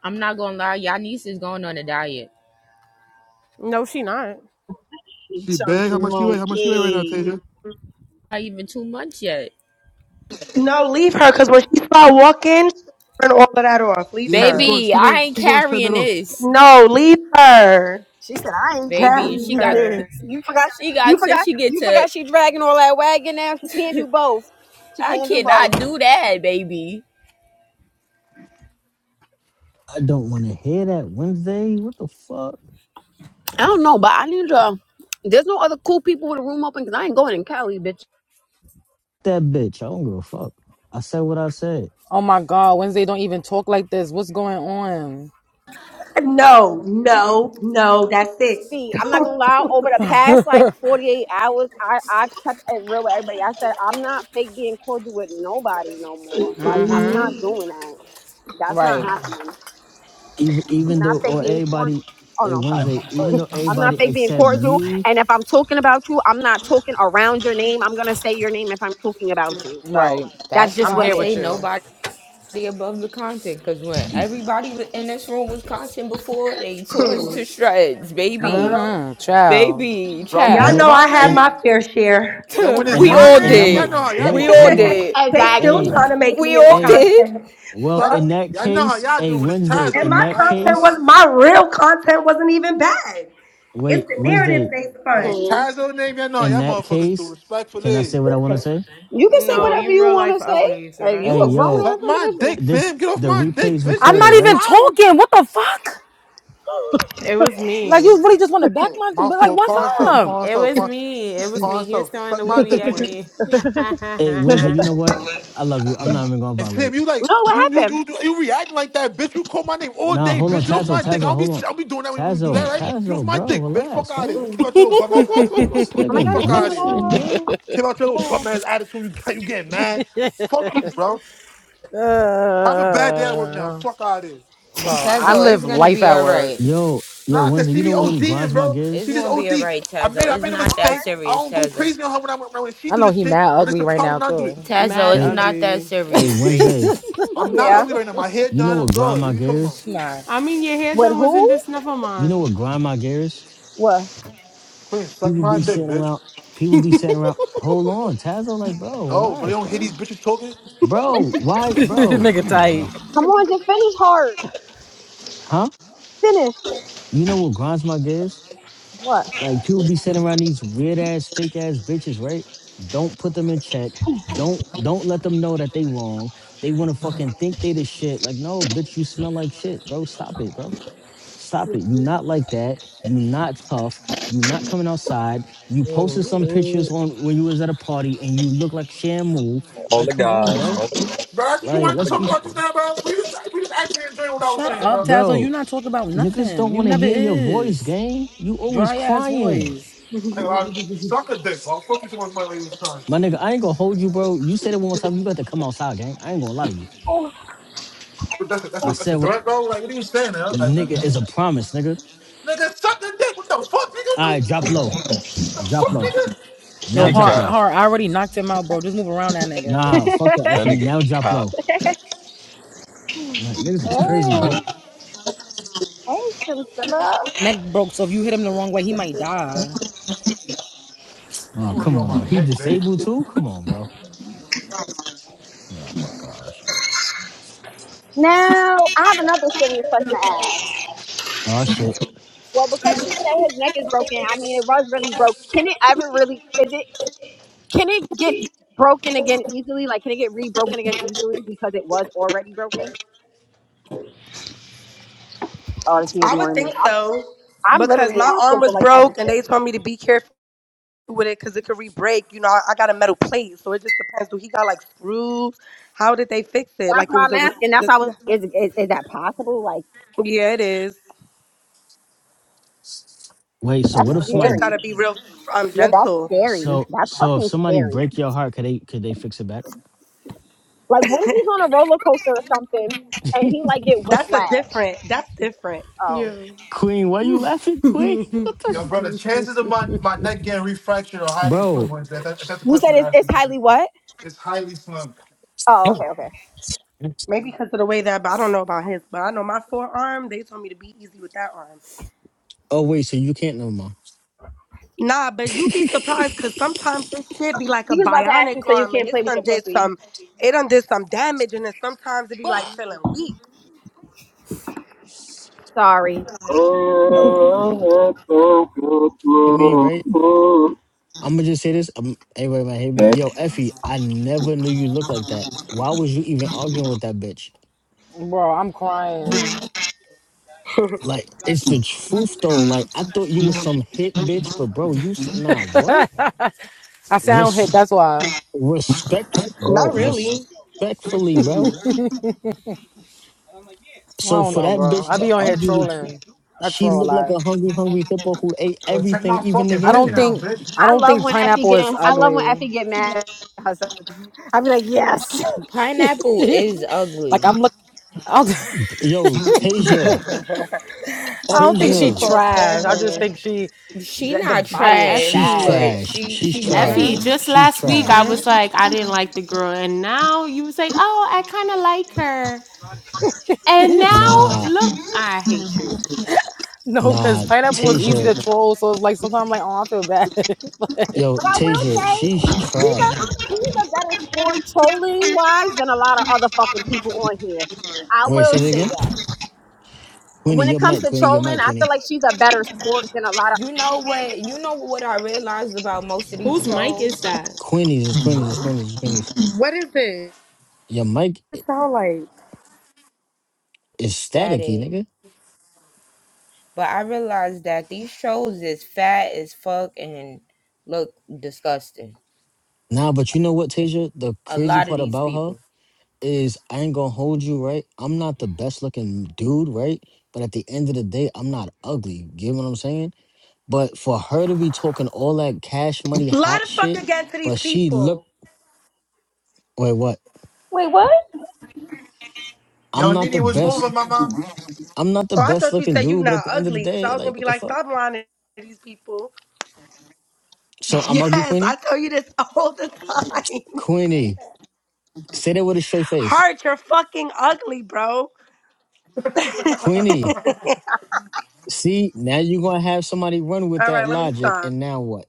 [SPEAKER 7] I'm not gonna lie, y'all niece is going on a diet.
[SPEAKER 9] no, she not.
[SPEAKER 10] She bag how
[SPEAKER 1] Chunky
[SPEAKER 10] much she weigh? How much she weigh right now,
[SPEAKER 1] monkey.
[SPEAKER 10] Tasia?
[SPEAKER 7] Not even two months yet.
[SPEAKER 3] No, leave her, cause when she start walking, she'll burn all of that off. Leave
[SPEAKER 10] Yeah, it's
[SPEAKER 3] her.
[SPEAKER 10] going.
[SPEAKER 7] Baby,
[SPEAKER 10] She
[SPEAKER 7] I
[SPEAKER 10] going.
[SPEAKER 7] ain't
[SPEAKER 10] She going to shut
[SPEAKER 7] carrying
[SPEAKER 10] that off.
[SPEAKER 7] this.
[SPEAKER 3] No, leave her.
[SPEAKER 1] She said, I ain't
[SPEAKER 7] Baby,
[SPEAKER 3] Leave
[SPEAKER 7] she
[SPEAKER 1] carrying
[SPEAKER 7] got
[SPEAKER 3] her.
[SPEAKER 1] this. You forgot
[SPEAKER 7] she
[SPEAKER 1] you
[SPEAKER 7] got to
[SPEAKER 1] forgot
[SPEAKER 7] she get
[SPEAKER 1] you
[SPEAKER 7] to
[SPEAKER 1] forgot she dragging all that wagon now. She can't do both. She
[SPEAKER 7] I
[SPEAKER 1] can't do both.
[SPEAKER 7] cannot do that, baby.
[SPEAKER 8] I don't want to hear that Wednesday. What the fuck?
[SPEAKER 1] I don't know, but I need to there's no other cool people with a room open because I ain't going in Cali, bitch.
[SPEAKER 8] That bitch. I don't give a fuck. I said what I said.
[SPEAKER 6] Oh my God, Wednesday don't even talk like this. What's going on?
[SPEAKER 3] No, no, no, that's it.
[SPEAKER 1] See, I'm not gonna
[SPEAKER 3] Don't
[SPEAKER 1] lie,
[SPEAKER 3] do
[SPEAKER 1] over
[SPEAKER 3] it.
[SPEAKER 1] the past like 48 hours, I, I kept it real with everybody. I said, I'm not fake being cordial with nobody no more. Like, I'm
[SPEAKER 6] mm-hmm.
[SPEAKER 1] not doing that. That's not
[SPEAKER 6] Right,
[SPEAKER 1] happening.
[SPEAKER 8] even
[SPEAKER 1] I'm
[SPEAKER 8] even
[SPEAKER 1] not
[SPEAKER 8] though
[SPEAKER 1] fake
[SPEAKER 8] or
[SPEAKER 1] being cordial.
[SPEAKER 8] everybody
[SPEAKER 1] Oh
[SPEAKER 8] a
[SPEAKER 1] no, I'm sorry.
[SPEAKER 8] Wednesday, even
[SPEAKER 1] Wrong.
[SPEAKER 8] though
[SPEAKER 1] I'm not
[SPEAKER 8] everybody
[SPEAKER 1] fake being
[SPEAKER 8] except
[SPEAKER 1] cordial.
[SPEAKER 8] you,
[SPEAKER 1] And if I'm talking about you, I'm not talking around your name. I'm gonna say your name if I'm talking about you. So
[SPEAKER 6] right.
[SPEAKER 1] that's
[SPEAKER 7] That's
[SPEAKER 1] just
[SPEAKER 6] I'm
[SPEAKER 7] why
[SPEAKER 1] what
[SPEAKER 7] I
[SPEAKER 1] it
[SPEAKER 6] here with
[SPEAKER 7] say
[SPEAKER 1] is.
[SPEAKER 6] you.
[SPEAKER 7] nobody. the above the content because when everybody was in this room was content before, they tore us to shreds, baby,
[SPEAKER 3] Hello?
[SPEAKER 6] Mm-hmm. Child.
[SPEAKER 7] baby,
[SPEAKER 10] Bro, when
[SPEAKER 3] Y'all
[SPEAKER 10] it's
[SPEAKER 8] yeah,
[SPEAKER 3] know
[SPEAKER 7] child.
[SPEAKER 10] my
[SPEAKER 3] I have
[SPEAKER 8] and
[SPEAKER 10] name,
[SPEAKER 3] my fair share.
[SPEAKER 10] yeah, when it's
[SPEAKER 8] and
[SPEAKER 7] we
[SPEAKER 8] I'm
[SPEAKER 10] my
[SPEAKER 7] all
[SPEAKER 8] and
[SPEAKER 10] name,
[SPEAKER 8] I'm
[SPEAKER 10] y'all
[SPEAKER 7] did.
[SPEAKER 10] know how y'all
[SPEAKER 7] We
[SPEAKER 8] wait,
[SPEAKER 7] all
[SPEAKER 8] hold
[SPEAKER 10] motherfuckers
[SPEAKER 8] on,
[SPEAKER 10] do.
[SPEAKER 7] did.
[SPEAKER 3] they still
[SPEAKER 1] Exactly.
[SPEAKER 8] a
[SPEAKER 3] trying to make
[SPEAKER 7] We
[SPEAKER 3] me into
[SPEAKER 7] all
[SPEAKER 8] a
[SPEAKER 7] did.
[SPEAKER 3] content.
[SPEAKER 8] well
[SPEAKER 10] Y'all,
[SPEAKER 8] in
[SPEAKER 3] Fuck.
[SPEAKER 8] that
[SPEAKER 10] y'all know how
[SPEAKER 8] case,
[SPEAKER 10] y'all
[SPEAKER 8] a
[SPEAKER 10] do when it's
[SPEAKER 8] Wednesday
[SPEAKER 3] And
[SPEAKER 10] Tazo
[SPEAKER 8] in
[SPEAKER 3] my
[SPEAKER 10] name.
[SPEAKER 8] that
[SPEAKER 10] I ain't gonna
[SPEAKER 3] content
[SPEAKER 10] lie.
[SPEAKER 3] was
[SPEAKER 8] case,
[SPEAKER 3] my real content wasn't even bad. It's
[SPEAKER 8] wait
[SPEAKER 3] the narrative
[SPEAKER 8] Wednesday
[SPEAKER 3] they
[SPEAKER 10] When it's
[SPEAKER 3] spun.
[SPEAKER 1] Hmm.
[SPEAKER 10] Tazo name, y'all know how
[SPEAKER 8] in
[SPEAKER 10] y'all
[SPEAKER 8] that
[SPEAKER 10] motherfuckers do.
[SPEAKER 8] case, can I
[SPEAKER 10] Respectfully,
[SPEAKER 8] say what I want to
[SPEAKER 3] Listen,
[SPEAKER 8] say?
[SPEAKER 1] You can say
[SPEAKER 9] No,
[SPEAKER 6] Chill.
[SPEAKER 1] whatever
[SPEAKER 9] you
[SPEAKER 1] you
[SPEAKER 9] real
[SPEAKER 1] want to
[SPEAKER 9] life
[SPEAKER 1] say.
[SPEAKER 9] ugly, so
[SPEAKER 1] Hey,
[SPEAKER 9] that's
[SPEAKER 1] you
[SPEAKER 8] Hey
[SPEAKER 1] a
[SPEAKER 9] just
[SPEAKER 1] grown
[SPEAKER 9] it.
[SPEAKER 8] yo,
[SPEAKER 1] ass
[SPEAKER 10] suck my dick,
[SPEAKER 1] individual.
[SPEAKER 8] this
[SPEAKER 10] fam. Get off
[SPEAKER 8] the
[SPEAKER 10] my dick,
[SPEAKER 8] replay's
[SPEAKER 10] bitch.
[SPEAKER 6] I'm
[SPEAKER 10] Damn,
[SPEAKER 8] recorded,
[SPEAKER 6] not
[SPEAKER 10] I'm
[SPEAKER 6] even
[SPEAKER 8] right?
[SPEAKER 10] tired of you.
[SPEAKER 6] talking. What the fuck?
[SPEAKER 9] It was
[SPEAKER 6] Like
[SPEAKER 9] me.
[SPEAKER 6] you really just want to back
[SPEAKER 10] Oh,
[SPEAKER 6] my
[SPEAKER 10] my
[SPEAKER 6] but like
[SPEAKER 10] fault.
[SPEAKER 6] what's
[SPEAKER 10] Pawn so,
[SPEAKER 6] up?
[SPEAKER 10] pawn
[SPEAKER 9] It
[SPEAKER 10] so,
[SPEAKER 9] was
[SPEAKER 10] pawn.
[SPEAKER 9] me. It was
[SPEAKER 10] Pawn
[SPEAKER 9] me. He was
[SPEAKER 10] stuff.
[SPEAKER 9] throwing
[SPEAKER 10] Suck
[SPEAKER 9] the wee
[SPEAKER 10] my
[SPEAKER 9] wee
[SPEAKER 10] dick,
[SPEAKER 9] at
[SPEAKER 10] Queen.
[SPEAKER 9] me.
[SPEAKER 8] Hey Wednesday, you know what? I love you. I'm not even gonna
[SPEAKER 10] And Sam,
[SPEAKER 8] violate.
[SPEAKER 10] you like
[SPEAKER 1] No, what
[SPEAKER 10] you you
[SPEAKER 1] happened?
[SPEAKER 10] you you reacting like that, bitch. You call my name all
[SPEAKER 8] Nah,
[SPEAKER 10] day,
[SPEAKER 8] hold on,
[SPEAKER 10] bitch. Get off
[SPEAKER 8] Tazzo,
[SPEAKER 10] my dick.
[SPEAKER 8] Tazzo,
[SPEAKER 10] I'll be
[SPEAKER 8] hold on,
[SPEAKER 10] I'll be doing that when you do that,
[SPEAKER 8] Tazzo,
[SPEAKER 10] right? Get off
[SPEAKER 8] Tazzo,
[SPEAKER 10] my
[SPEAKER 8] bro,
[SPEAKER 10] dick, bitch. Fuck
[SPEAKER 8] relax,
[SPEAKER 10] out of
[SPEAKER 8] gang.
[SPEAKER 10] here.
[SPEAKER 1] Mm.
[SPEAKER 10] Came out your little bum ass attitude.
[SPEAKER 8] This
[SPEAKER 1] Oh my
[SPEAKER 8] nigga
[SPEAKER 1] god! Oh
[SPEAKER 10] Fuck
[SPEAKER 1] my god!
[SPEAKER 10] out of here.
[SPEAKER 1] Oh
[SPEAKER 8] glitching,
[SPEAKER 1] my god!
[SPEAKER 8] bro.
[SPEAKER 10] Came out your little bum ass attitude. You you getting mad? Fuck you, bro. Have a bad day at work now.
[SPEAKER 6] Uh,
[SPEAKER 10] Fuck out of here.
[SPEAKER 6] bro, I
[SPEAKER 7] Tazo, it's
[SPEAKER 6] live
[SPEAKER 7] gonna
[SPEAKER 6] life
[SPEAKER 7] be
[SPEAKER 6] at
[SPEAKER 7] all
[SPEAKER 6] work.
[SPEAKER 7] right.
[SPEAKER 8] Yo, yo,
[SPEAKER 10] Nah, cause
[SPEAKER 8] Wednesday,
[SPEAKER 10] she
[SPEAKER 8] you
[SPEAKER 10] be
[SPEAKER 8] know what really
[SPEAKER 10] ODing,
[SPEAKER 8] grinds my
[SPEAKER 10] bro.
[SPEAKER 7] It's
[SPEAKER 10] She
[SPEAKER 8] gears?
[SPEAKER 10] just
[SPEAKER 7] gonna be
[SPEAKER 10] OD.
[SPEAKER 7] all right,
[SPEAKER 10] I
[SPEAKER 7] Tazo.
[SPEAKER 10] made I
[SPEAKER 7] It's
[SPEAKER 10] made a
[SPEAKER 7] not that
[SPEAKER 10] mistake. I
[SPEAKER 7] serious,
[SPEAKER 10] don't go
[SPEAKER 7] Tazo.
[SPEAKER 10] crazy on her when I when when she
[SPEAKER 6] I
[SPEAKER 10] do
[SPEAKER 6] know
[SPEAKER 10] this
[SPEAKER 6] he
[SPEAKER 10] shit,
[SPEAKER 6] mad
[SPEAKER 10] but it's
[SPEAKER 6] ugly
[SPEAKER 10] a
[SPEAKER 6] right now
[SPEAKER 10] problem when I do it.
[SPEAKER 6] too.
[SPEAKER 7] Tazo,
[SPEAKER 9] Mad
[SPEAKER 7] it's
[SPEAKER 8] Hey,
[SPEAKER 7] not that
[SPEAKER 9] ugly.
[SPEAKER 8] hey,
[SPEAKER 7] serious, baby.
[SPEAKER 8] Wednesday,
[SPEAKER 10] I'm not
[SPEAKER 1] Yeah.
[SPEAKER 10] ugly right now. My hair
[SPEAKER 8] you know
[SPEAKER 10] done.
[SPEAKER 8] what
[SPEAKER 10] I'm
[SPEAKER 8] grind
[SPEAKER 10] good. What
[SPEAKER 8] my
[SPEAKER 10] are you talking about?
[SPEAKER 8] gears?
[SPEAKER 6] Nah.
[SPEAKER 9] I mean, your hair
[SPEAKER 1] With
[SPEAKER 9] done wasn't
[SPEAKER 1] who?
[SPEAKER 9] this never
[SPEAKER 8] You know
[SPEAKER 9] mind.
[SPEAKER 8] what grind my gears?
[SPEAKER 10] Queen, suck
[SPEAKER 8] People
[SPEAKER 10] my
[SPEAKER 8] be
[SPEAKER 10] dick,
[SPEAKER 8] sitting
[SPEAKER 10] bitch.
[SPEAKER 8] around, people be sitting around. Hold on, Tazo, like, bro,
[SPEAKER 10] No, but you
[SPEAKER 8] relax,
[SPEAKER 10] don't hear
[SPEAKER 8] gang.
[SPEAKER 10] these bitches talking?
[SPEAKER 8] Bro, why, bro,
[SPEAKER 6] Nigga
[SPEAKER 8] come on,
[SPEAKER 6] tight.
[SPEAKER 8] bro.
[SPEAKER 1] Come on, just finish hard.
[SPEAKER 8] Huh? You know what grinds my gears?
[SPEAKER 1] What?
[SPEAKER 8] like people be sending around these weird ass fake ass bitches, right? Don't put them in check. Don't don't let them know that they wrong. They want to fucking think they the shit. Like, no, bitch, you smell like shit, bro. Stop it, bro. Stop it. You not like that. You not tough. You not coming outside. You posted some
[SPEAKER 12] Mm,
[SPEAKER 8] pictures on when you was at a party and you look like Shamu.
[SPEAKER 12] On
[SPEAKER 8] Like,
[SPEAKER 12] the
[SPEAKER 8] come on,
[SPEAKER 12] guys,
[SPEAKER 8] bro.
[SPEAKER 12] on the,
[SPEAKER 10] Bro, that's what you
[SPEAKER 8] Like,
[SPEAKER 12] on
[SPEAKER 10] wanted to
[SPEAKER 8] let's
[SPEAKER 12] the
[SPEAKER 8] be,
[SPEAKER 10] talk
[SPEAKER 8] f-
[SPEAKER 10] about just
[SPEAKER 12] guys.
[SPEAKER 10] now, bro. We just, we just actually enjoying what I was
[SPEAKER 6] Shut
[SPEAKER 10] saying,
[SPEAKER 6] up,
[SPEAKER 10] bro.
[SPEAKER 6] Tazzle. You
[SPEAKER 8] bro.
[SPEAKER 6] not talking about
[SPEAKER 8] Niggas don't
[SPEAKER 6] nothing. You
[SPEAKER 8] want to
[SPEAKER 6] never
[SPEAKER 8] hear your voice,
[SPEAKER 6] is.
[SPEAKER 8] gang. You always
[SPEAKER 6] Dry ass
[SPEAKER 8] crying.
[SPEAKER 6] voice.
[SPEAKER 10] I ain't lying. Suck a dick, bro. Fuck you too much my lady. time.
[SPEAKER 8] My nigga, I ain't gonna hold you, bro. You said it one more time. You got to come outside, gang. I ain't gonna lie to you.
[SPEAKER 10] That's a, that's, a,
[SPEAKER 8] I
[SPEAKER 10] that's
[SPEAKER 8] said
[SPEAKER 10] a
[SPEAKER 8] what
[SPEAKER 10] threat, bro. Like, what are you saying, now? Like,
[SPEAKER 8] nigga is a
[SPEAKER 10] nigga,
[SPEAKER 8] promise, nigga.
[SPEAKER 10] suck a dick. What the fuck, nigga? What
[SPEAKER 8] All right,
[SPEAKER 10] the,
[SPEAKER 8] drop low.
[SPEAKER 10] what the
[SPEAKER 8] Drop
[SPEAKER 10] fuck,
[SPEAKER 8] low.
[SPEAKER 10] nigga?
[SPEAKER 6] Yo,
[SPEAKER 8] Now
[SPEAKER 12] He
[SPEAKER 8] drop
[SPEAKER 6] hard,
[SPEAKER 12] cop.
[SPEAKER 8] low.
[SPEAKER 6] hard. I already knocked him out, bro. Just move around that
[SPEAKER 8] Nah,
[SPEAKER 6] nigga.
[SPEAKER 8] fuck that
[SPEAKER 12] That
[SPEAKER 8] Effie.
[SPEAKER 12] nigga
[SPEAKER 8] Now drop
[SPEAKER 12] cop.
[SPEAKER 8] low. Like, niggas is crazy, boy.
[SPEAKER 1] hey, hey, sister love.
[SPEAKER 6] Neck broke, so if you hit him the wrong way, he might die.
[SPEAKER 8] Oh,
[SPEAKER 10] You really
[SPEAKER 8] come
[SPEAKER 10] on my
[SPEAKER 8] on. He
[SPEAKER 10] dick, bitch.
[SPEAKER 8] disabled too? Come on, bro. Oh my gosh.
[SPEAKER 1] Now I have another serious question to ask.
[SPEAKER 8] Oh shit.
[SPEAKER 1] Well, because you say his neck is broken, I mean, it was really broke. Can it ever really? Is it? Can it get broken again easily? Like, can it get re-broken again easily because it was already broken? Oh, is he
[SPEAKER 3] I would
[SPEAKER 1] ignoring me?
[SPEAKER 3] think
[SPEAKER 1] I'm,
[SPEAKER 3] so
[SPEAKER 1] I'm
[SPEAKER 3] because
[SPEAKER 1] literally
[SPEAKER 3] my arm
[SPEAKER 1] asking for
[SPEAKER 3] was
[SPEAKER 1] like
[SPEAKER 3] broke and
[SPEAKER 1] education.
[SPEAKER 3] they told me to be careful with it because it could re-break. You know, I, I got a metal plate, so it just depends. Do he got like screws? How did they fix it?
[SPEAKER 1] That's
[SPEAKER 3] Like it
[SPEAKER 1] why
[SPEAKER 3] was
[SPEAKER 1] I'm
[SPEAKER 3] it was
[SPEAKER 1] asking. That's how.
[SPEAKER 3] just.
[SPEAKER 1] Is, is is that possible? Like,
[SPEAKER 3] Yeah, it is.
[SPEAKER 8] Wait, so
[SPEAKER 1] that's
[SPEAKER 8] what
[SPEAKER 3] So
[SPEAKER 8] if
[SPEAKER 3] he just
[SPEAKER 8] somebody
[SPEAKER 1] scary.
[SPEAKER 3] gotta be real um
[SPEAKER 1] Yeah, that's
[SPEAKER 3] gentle.
[SPEAKER 1] scary.
[SPEAKER 8] so
[SPEAKER 1] That's
[SPEAKER 8] so if
[SPEAKER 1] fucking
[SPEAKER 8] somebody
[SPEAKER 1] scary.
[SPEAKER 8] break your heart, could they could they fix it back?
[SPEAKER 1] Like, what if he's on a roller coaster or something and he like get
[SPEAKER 3] That's a
[SPEAKER 1] whiplash?
[SPEAKER 3] different. That's different.
[SPEAKER 1] Oh,
[SPEAKER 9] Yeah.
[SPEAKER 8] Queen, why you laughing, Queen? What the
[SPEAKER 10] Yo,
[SPEAKER 8] f-
[SPEAKER 10] bro, the chances of my, my neck getting refractured are highly slim,
[SPEAKER 8] Bro.
[SPEAKER 10] Wednesday. If, that, if that's the
[SPEAKER 1] you
[SPEAKER 10] question
[SPEAKER 1] said
[SPEAKER 10] you
[SPEAKER 1] it's,
[SPEAKER 10] asked
[SPEAKER 1] it's
[SPEAKER 10] me, Wednesday.
[SPEAKER 1] highly what?
[SPEAKER 10] It's highly slim.
[SPEAKER 1] Oh, okay, okay.
[SPEAKER 3] Maybe because of the way that, but I don't know about his. But I know my forearm. They told me to be easy with that arm.
[SPEAKER 8] Oh wait, so you can't no more.
[SPEAKER 3] Nah, but you be surprised because sometimes this shit be like a
[SPEAKER 1] He was about to ask
[SPEAKER 3] bionic
[SPEAKER 1] you, so you
[SPEAKER 3] arm, and
[SPEAKER 1] can't
[SPEAKER 3] this
[SPEAKER 1] play with
[SPEAKER 3] done
[SPEAKER 1] your
[SPEAKER 3] did
[SPEAKER 1] pussy.
[SPEAKER 3] some. It done did some damage, and then sometimes it be like feeling weak.
[SPEAKER 1] Sorry.
[SPEAKER 12] Oh,
[SPEAKER 8] hate me,
[SPEAKER 12] so
[SPEAKER 8] right? I'm gonna just say this. Um, everybody might hate me. Yo, Effie, I never knew you look like that. Why was you even arguing with that bitch?
[SPEAKER 6] Bro, I'm crying.
[SPEAKER 8] Like, it's the truth though. Like, I thought you was some hit bitch, but bro, you s- nah what?
[SPEAKER 6] I sound hit,
[SPEAKER 8] Res-
[SPEAKER 6] that's why.
[SPEAKER 8] respect, bro.
[SPEAKER 3] Not really.
[SPEAKER 8] Respectfully, bro.
[SPEAKER 6] I
[SPEAKER 8] So
[SPEAKER 6] don't
[SPEAKER 8] for
[SPEAKER 6] know,
[SPEAKER 8] that
[SPEAKER 6] bro.
[SPEAKER 8] bitch
[SPEAKER 6] I
[SPEAKER 8] to
[SPEAKER 6] be on here
[SPEAKER 8] argue with you,
[SPEAKER 6] trolling. I
[SPEAKER 8] she
[SPEAKER 6] troll a
[SPEAKER 8] looked like
[SPEAKER 6] lot.
[SPEAKER 8] a hungry, hungry hippo who ate
[SPEAKER 10] Yo, check my
[SPEAKER 8] everything, even the
[SPEAKER 10] fucking
[SPEAKER 6] I
[SPEAKER 10] picture
[SPEAKER 6] don't
[SPEAKER 8] game.
[SPEAKER 10] down,
[SPEAKER 6] think
[SPEAKER 10] bitch.
[SPEAKER 6] I
[SPEAKER 1] I
[SPEAKER 6] don't
[SPEAKER 1] love
[SPEAKER 6] think
[SPEAKER 1] when Effie
[SPEAKER 6] pineapple is
[SPEAKER 1] get I love when
[SPEAKER 6] ugly.
[SPEAKER 1] Effie get mad. i will be like, yes. But
[SPEAKER 7] Pineapple
[SPEAKER 6] like
[SPEAKER 7] is ugly.
[SPEAKER 6] I'm look I don't,
[SPEAKER 8] Yo, Tasia,
[SPEAKER 6] I
[SPEAKER 3] Oh,
[SPEAKER 6] don't
[SPEAKER 3] they
[SPEAKER 6] think she
[SPEAKER 3] just
[SPEAKER 8] Tasia,
[SPEAKER 3] gonna
[SPEAKER 6] trash. I just think she
[SPEAKER 7] She
[SPEAKER 6] the, the
[SPEAKER 7] not
[SPEAKER 9] but
[SPEAKER 6] body is
[SPEAKER 7] trash,
[SPEAKER 8] she's
[SPEAKER 9] Effie,
[SPEAKER 6] bad.
[SPEAKER 7] but
[SPEAKER 8] trash.
[SPEAKER 7] she
[SPEAKER 8] She's
[SPEAKER 7] she
[SPEAKER 9] Effie,
[SPEAKER 6] Hmm?
[SPEAKER 8] trash.
[SPEAKER 7] ugly.
[SPEAKER 9] just
[SPEAKER 8] She's
[SPEAKER 9] last week I
[SPEAKER 8] trash.
[SPEAKER 6] Hmm?
[SPEAKER 9] was like, I didn't like the girl, and now you say, oh, I kind of like her, and now
[SPEAKER 8] Nah.
[SPEAKER 9] look, I hate you.
[SPEAKER 6] No, because
[SPEAKER 8] Nah,
[SPEAKER 6] pineapple was easy
[SPEAKER 8] Tasia,
[SPEAKER 6] to troll. So it's like sometimes I'm like, oh, I feel bad.
[SPEAKER 8] yo,
[SPEAKER 1] I will
[SPEAKER 8] Tasia,
[SPEAKER 1] say,
[SPEAKER 8] she's
[SPEAKER 1] he's
[SPEAKER 8] trash.
[SPEAKER 1] a he's a better sport trolling wise than a lot of other fucking people on here. I
[SPEAKER 8] Wait, say
[SPEAKER 1] will
[SPEAKER 8] it
[SPEAKER 1] say
[SPEAKER 8] again.
[SPEAKER 1] that.
[SPEAKER 8] Queenie,
[SPEAKER 1] When it
[SPEAKER 8] your
[SPEAKER 1] comes
[SPEAKER 8] mic,
[SPEAKER 1] to
[SPEAKER 8] Queenie, your
[SPEAKER 1] trolling,
[SPEAKER 8] mic,
[SPEAKER 1] I feel
[SPEAKER 8] Queenie,
[SPEAKER 1] like she's a better sport than a lot of
[SPEAKER 7] You know what? You know what I realized about most of these
[SPEAKER 9] Whose mic is
[SPEAKER 7] shows?
[SPEAKER 9] that?
[SPEAKER 8] Queenie's is Queenie's is
[SPEAKER 1] oh,
[SPEAKER 8] Queenie's is Queenie's.
[SPEAKER 3] What is it?
[SPEAKER 8] Your mic
[SPEAKER 3] It
[SPEAKER 8] i-
[SPEAKER 3] sound like.
[SPEAKER 8] is
[SPEAKER 7] It's
[SPEAKER 8] staticky,
[SPEAKER 7] static.
[SPEAKER 8] nigga.
[SPEAKER 7] But I realized that these shows is fat as fuck and look disgusting.
[SPEAKER 8] Nah, but you know what, Tasia? The
[SPEAKER 7] A
[SPEAKER 8] crazy
[SPEAKER 7] lot of
[SPEAKER 8] part
[SPEAKER 7] these
[SPEAKER 8] about her
[SPEAKER 7] people.
[SPEAKER 8] is I ain't gonna hold you, right? I'm not the best looking dude, right? But at the end of the day, I'm not ugly. Get what I'm saying? But for her to be talking all that cash money hot
[SPEAKER 3] Lot of fuck
[SPEAKER 8] shit,
[SPEAKER 3] again to these
[SPEAKER 8] but she
[SPEAKER 3] people.
[SPEAKER 8] look wait, what?
[SPEAKER 10] Yo,
[SPEAKER 8] I'm not the
[SPEAKER 10] Nini was
[SPEAKER 8] best
[SPEAKER 10] moving, mama.
[SPEAKER 8] I'm not the
[SPEAKER 3] Oh, I
[SPEAKER 8] best
[SPEAKER 3] thought you
[SPEAKER 8] looking
[SPEAKER 3] said you
[SPEAKER 8] dude, but at
[SPEAKER 3] not
[SPEAKER 8] the end of the
[SPEAKER 3] ugly, because I
[SPEAKER 8] day,
[SPEAKER 3] was gonna
[SPEAKER 8] like,
[SPEAKER 3] be
[SPEAKER 8] what the
[SPEAKER 3] like,
[SPEAKER 8] fuck?
[SPEAKER 3] stop lying to these people.
[SPEAKER 8] So I'm
[SPEAKER 3] Yes,
[SPEAKER 8] ugly,
[SPEAKER 3] I
[SPEAKER 8] Queenie?
[SPEAKER 3] tell you this all the time.
[SPEAKER 8] Queenie, say that with a straight face.
[SPEAKER 3] Heart, you're fucking ugly, bro. all
[SPEAKER 8] Queenie, see, now you're going to have somebody run with
[SPEAKER 3] right,
[SPEAKER 8] that
[SPEAKER 3] let me
[SPEAKER 8] logic,
[SPEAKER 3] stop.
[SPEAKER 8] and now what?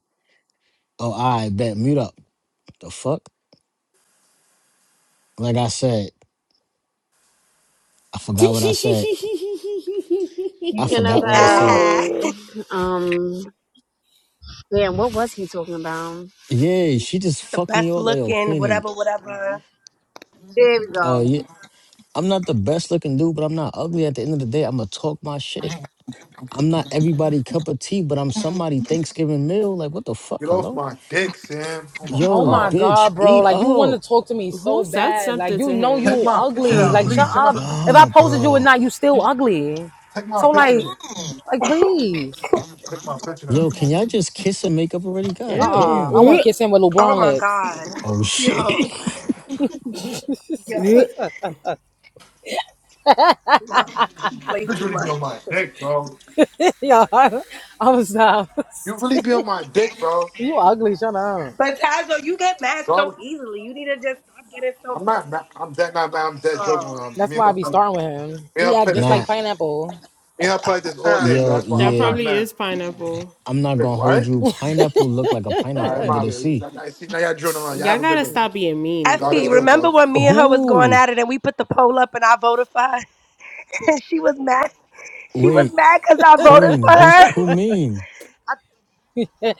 [SPEAKER 8] Oh, I bet. Mute up. The fuck? Like I said, I forgot what I said. I
[SPEAKER 1] thinking
[SPEAKER 8] forgot what I
[SPEAKER 1] about
[SPEAKER 8] said.
[SPEAKER 3] Ah,
[SPEAKER 1] um damn, what was he talking about?
[SPEAKER 8] Yeah, she just
[SPEAKER 3] the
[SPEAKER 8] fucked me
[SPEAKER 3] best
[SPEAKER 8] up, like, oh,
[SPEAKER 3] looking,
[SPEAKER 8] Queenie.
[SPEAKER 3] whatever, whatever.
[SPEAKER 1] There we
[SPEAKER 8] Oh,
[SPEAKER 1] go.
[SPEAKER 8] yeah. I'm not the best looking dude, but I'm not ugly. At the end of the day, I'm going to talk my shit. I'm not everybody cup of tea, but I'm somebody Thanksgiving meal. Like, what the fuck?
[SPEAKER 10] Get off
[SPEAKER 8] Hello?
[SPEAKER 10] my dick, Sam. Oh my
[SPEAKER 6] oh
[SPEAKER 8] Yo,
[SPEAKER 6] my
[SPEAKER 10] god.
[SPEAKER 6] God,
[SPEAKER 8] bitch,
[SPEAKER 6] bro.
[SPEAKER 8] eat
[SPEAKER 6] Like you want
[SPEAKER 8] up.
[SPEAKER 6] to talk to me so
[SPEAKER 9] Who said
[SPEAKER 6] bad. Like
[SPEAKER 9] something
[SPEAKER 6] you
[SPEAKER 9] to
[SPEAKER 6] know
[SPEAKER 9] him?
[SPEAKER 10] Take
[SPEAKER 6] you
[SPEAKER 10] my picture
[SPEAKER 6] ugly.
[SPEAKER 10] down,
[SPEAKER 8] Oh
[SPEAKER 6] Like
[SPEAKER 10] please.
[SPEAKER 6] shut
[SPEAKER 8] my
[SPEAKER 10] Take my
[SPEAKER 6] up.
[SPEAKER 10] picture down.
[SPEAKER 6] If I
[SPEAKER 8] god,
[SPEAKER 6] posted you or
[SPEAKER 8] bro.
[SPEAKER 6] not, you still ugly.
[SPEAKER 10] Take my
[SPEAKER 6] So
[SPEAKER 10] picture
[SPEAKER 6] like,
[SPEAKER 10] down.
[SPEAKER 6] like please.
[SPEAKER 10] Take my picture down.
[SPEAKER 8] Yo, can y'all just kiss and make up already? God
[SPEAKER 9] Ew.
[SPEAKER 6] Uh-uh.
[SPEAKER 8] damn,
[SPEAKER 6] I want
[SPEAKER 8] bro.
[SPEAKER 6] to kiss him with
[SPEAKER 3] Oh
[SPEAKER 6] LeBron
[SPEAKER 3] my
[SPEAKER 6] lips.
[SPEAKER 3] god,
[SPEAKER 8] Oh
[SPEAKER 3] yo,
[SPEAKER 8] shit.
[SPEAKER 3] yo, no, she plays
[SPEAKER 10] Bitch
[SPEAKER 3] too
[SPEAKER 10] really be on
[SPEAKER 3] much.
[SPEAKER 10] my dick, bro.
[SPEAKER 6] yeah, I, I was not.
[SPEAKER 10] You really be on my dick, bro.
[SPEAKER 6] You ugly. Shut up.
[SPEAKER 3] But Tazo, you get mad so
[SPEAKER 10] God,
[SPEAKER 3] easily. You need to just stop getting so
[SPEAKER 10] I'm not mad. I'm dead not mad. I'm dead
[SPEAKER 3] mad.
[SPEAKER 10] joking with her.
[SPEAKER 6] That's
[SPEAKER 10] Me and
[SPEAKER 6] why I be
[SPEAKER 10] her, me
[SPEAKER 6] starting with him.
[SPEAKER 10] and her
[SPEAKER 6] He act
[SPEAKER 10] play this.
[SPEAKER 6] just
[SPEAKER 10] Me
[SPEAKER 6] like
[SPEAKER 8] nah,
[SPEAKER 6] pineapple.
[SPEAKER 10] and her play this all day,
[SPEAKER 3] Oh,
[SPEAKER 10] bro.
[SPEAKER 8] yo,
[SPEAKER 10] That's why
[SPEAKER 9] That
[SPEAKER 10] I'm
[SPEAKER 8] yeah.
[SPEAKER 10] not
[SPEAKER 9] probably
[SPEAKER 10] mad.
[SPEAKER 9] is pineapple.
[SPEAKER 8] I'm not
[SPEAKER 10] Wait,
[SPEAKER 8] gonna hold
[SPEAKER 10] what?
[SPEAKER 8] you. Pineapple look like a
[SPEAKER 10] All right,
[SPEAKER 8] pineapple
[SPEAKER 10] I'm
[SPEAKER 8] under
[SPEAKER 10] out of
[SPEAKER 8] the
[SPEAKER 10] here.
[SPEAKER 8] sea.
[SPEAKER 10] Now- now- See, now y'all drilling on. Y'all
[SPEAKER 9] Y'all
[SPEAKER 10] have a good
[SPEAKER 9] gotta
[SPEAKER 10] day.
[SPEAKER 9] stop being mean,
[SPEAKER 10] God is
[SPEAKER 3] Effie,
[SPEAKER 9] bro.
[SPEAKER 10] good,
[SPEAKER 3] remember
[SPEAKER 10] bro.
[SPEAKER 3] when me and her was going
[SPEAKER 8] Who?
[SPEAKER 3] at it and we put the poll up and I voted for her? And she was mad. She was
[SPEAKER 8] Wait,
[SPEAKER 3] mad because I voted
[SPEAKER 8] Queen.
[SPEAKER 3] for
[SPEAKER 8] Who's
[SPEAKER 3] her.
[SPEAKER 8] who mean?
[SPEAKER 3] I,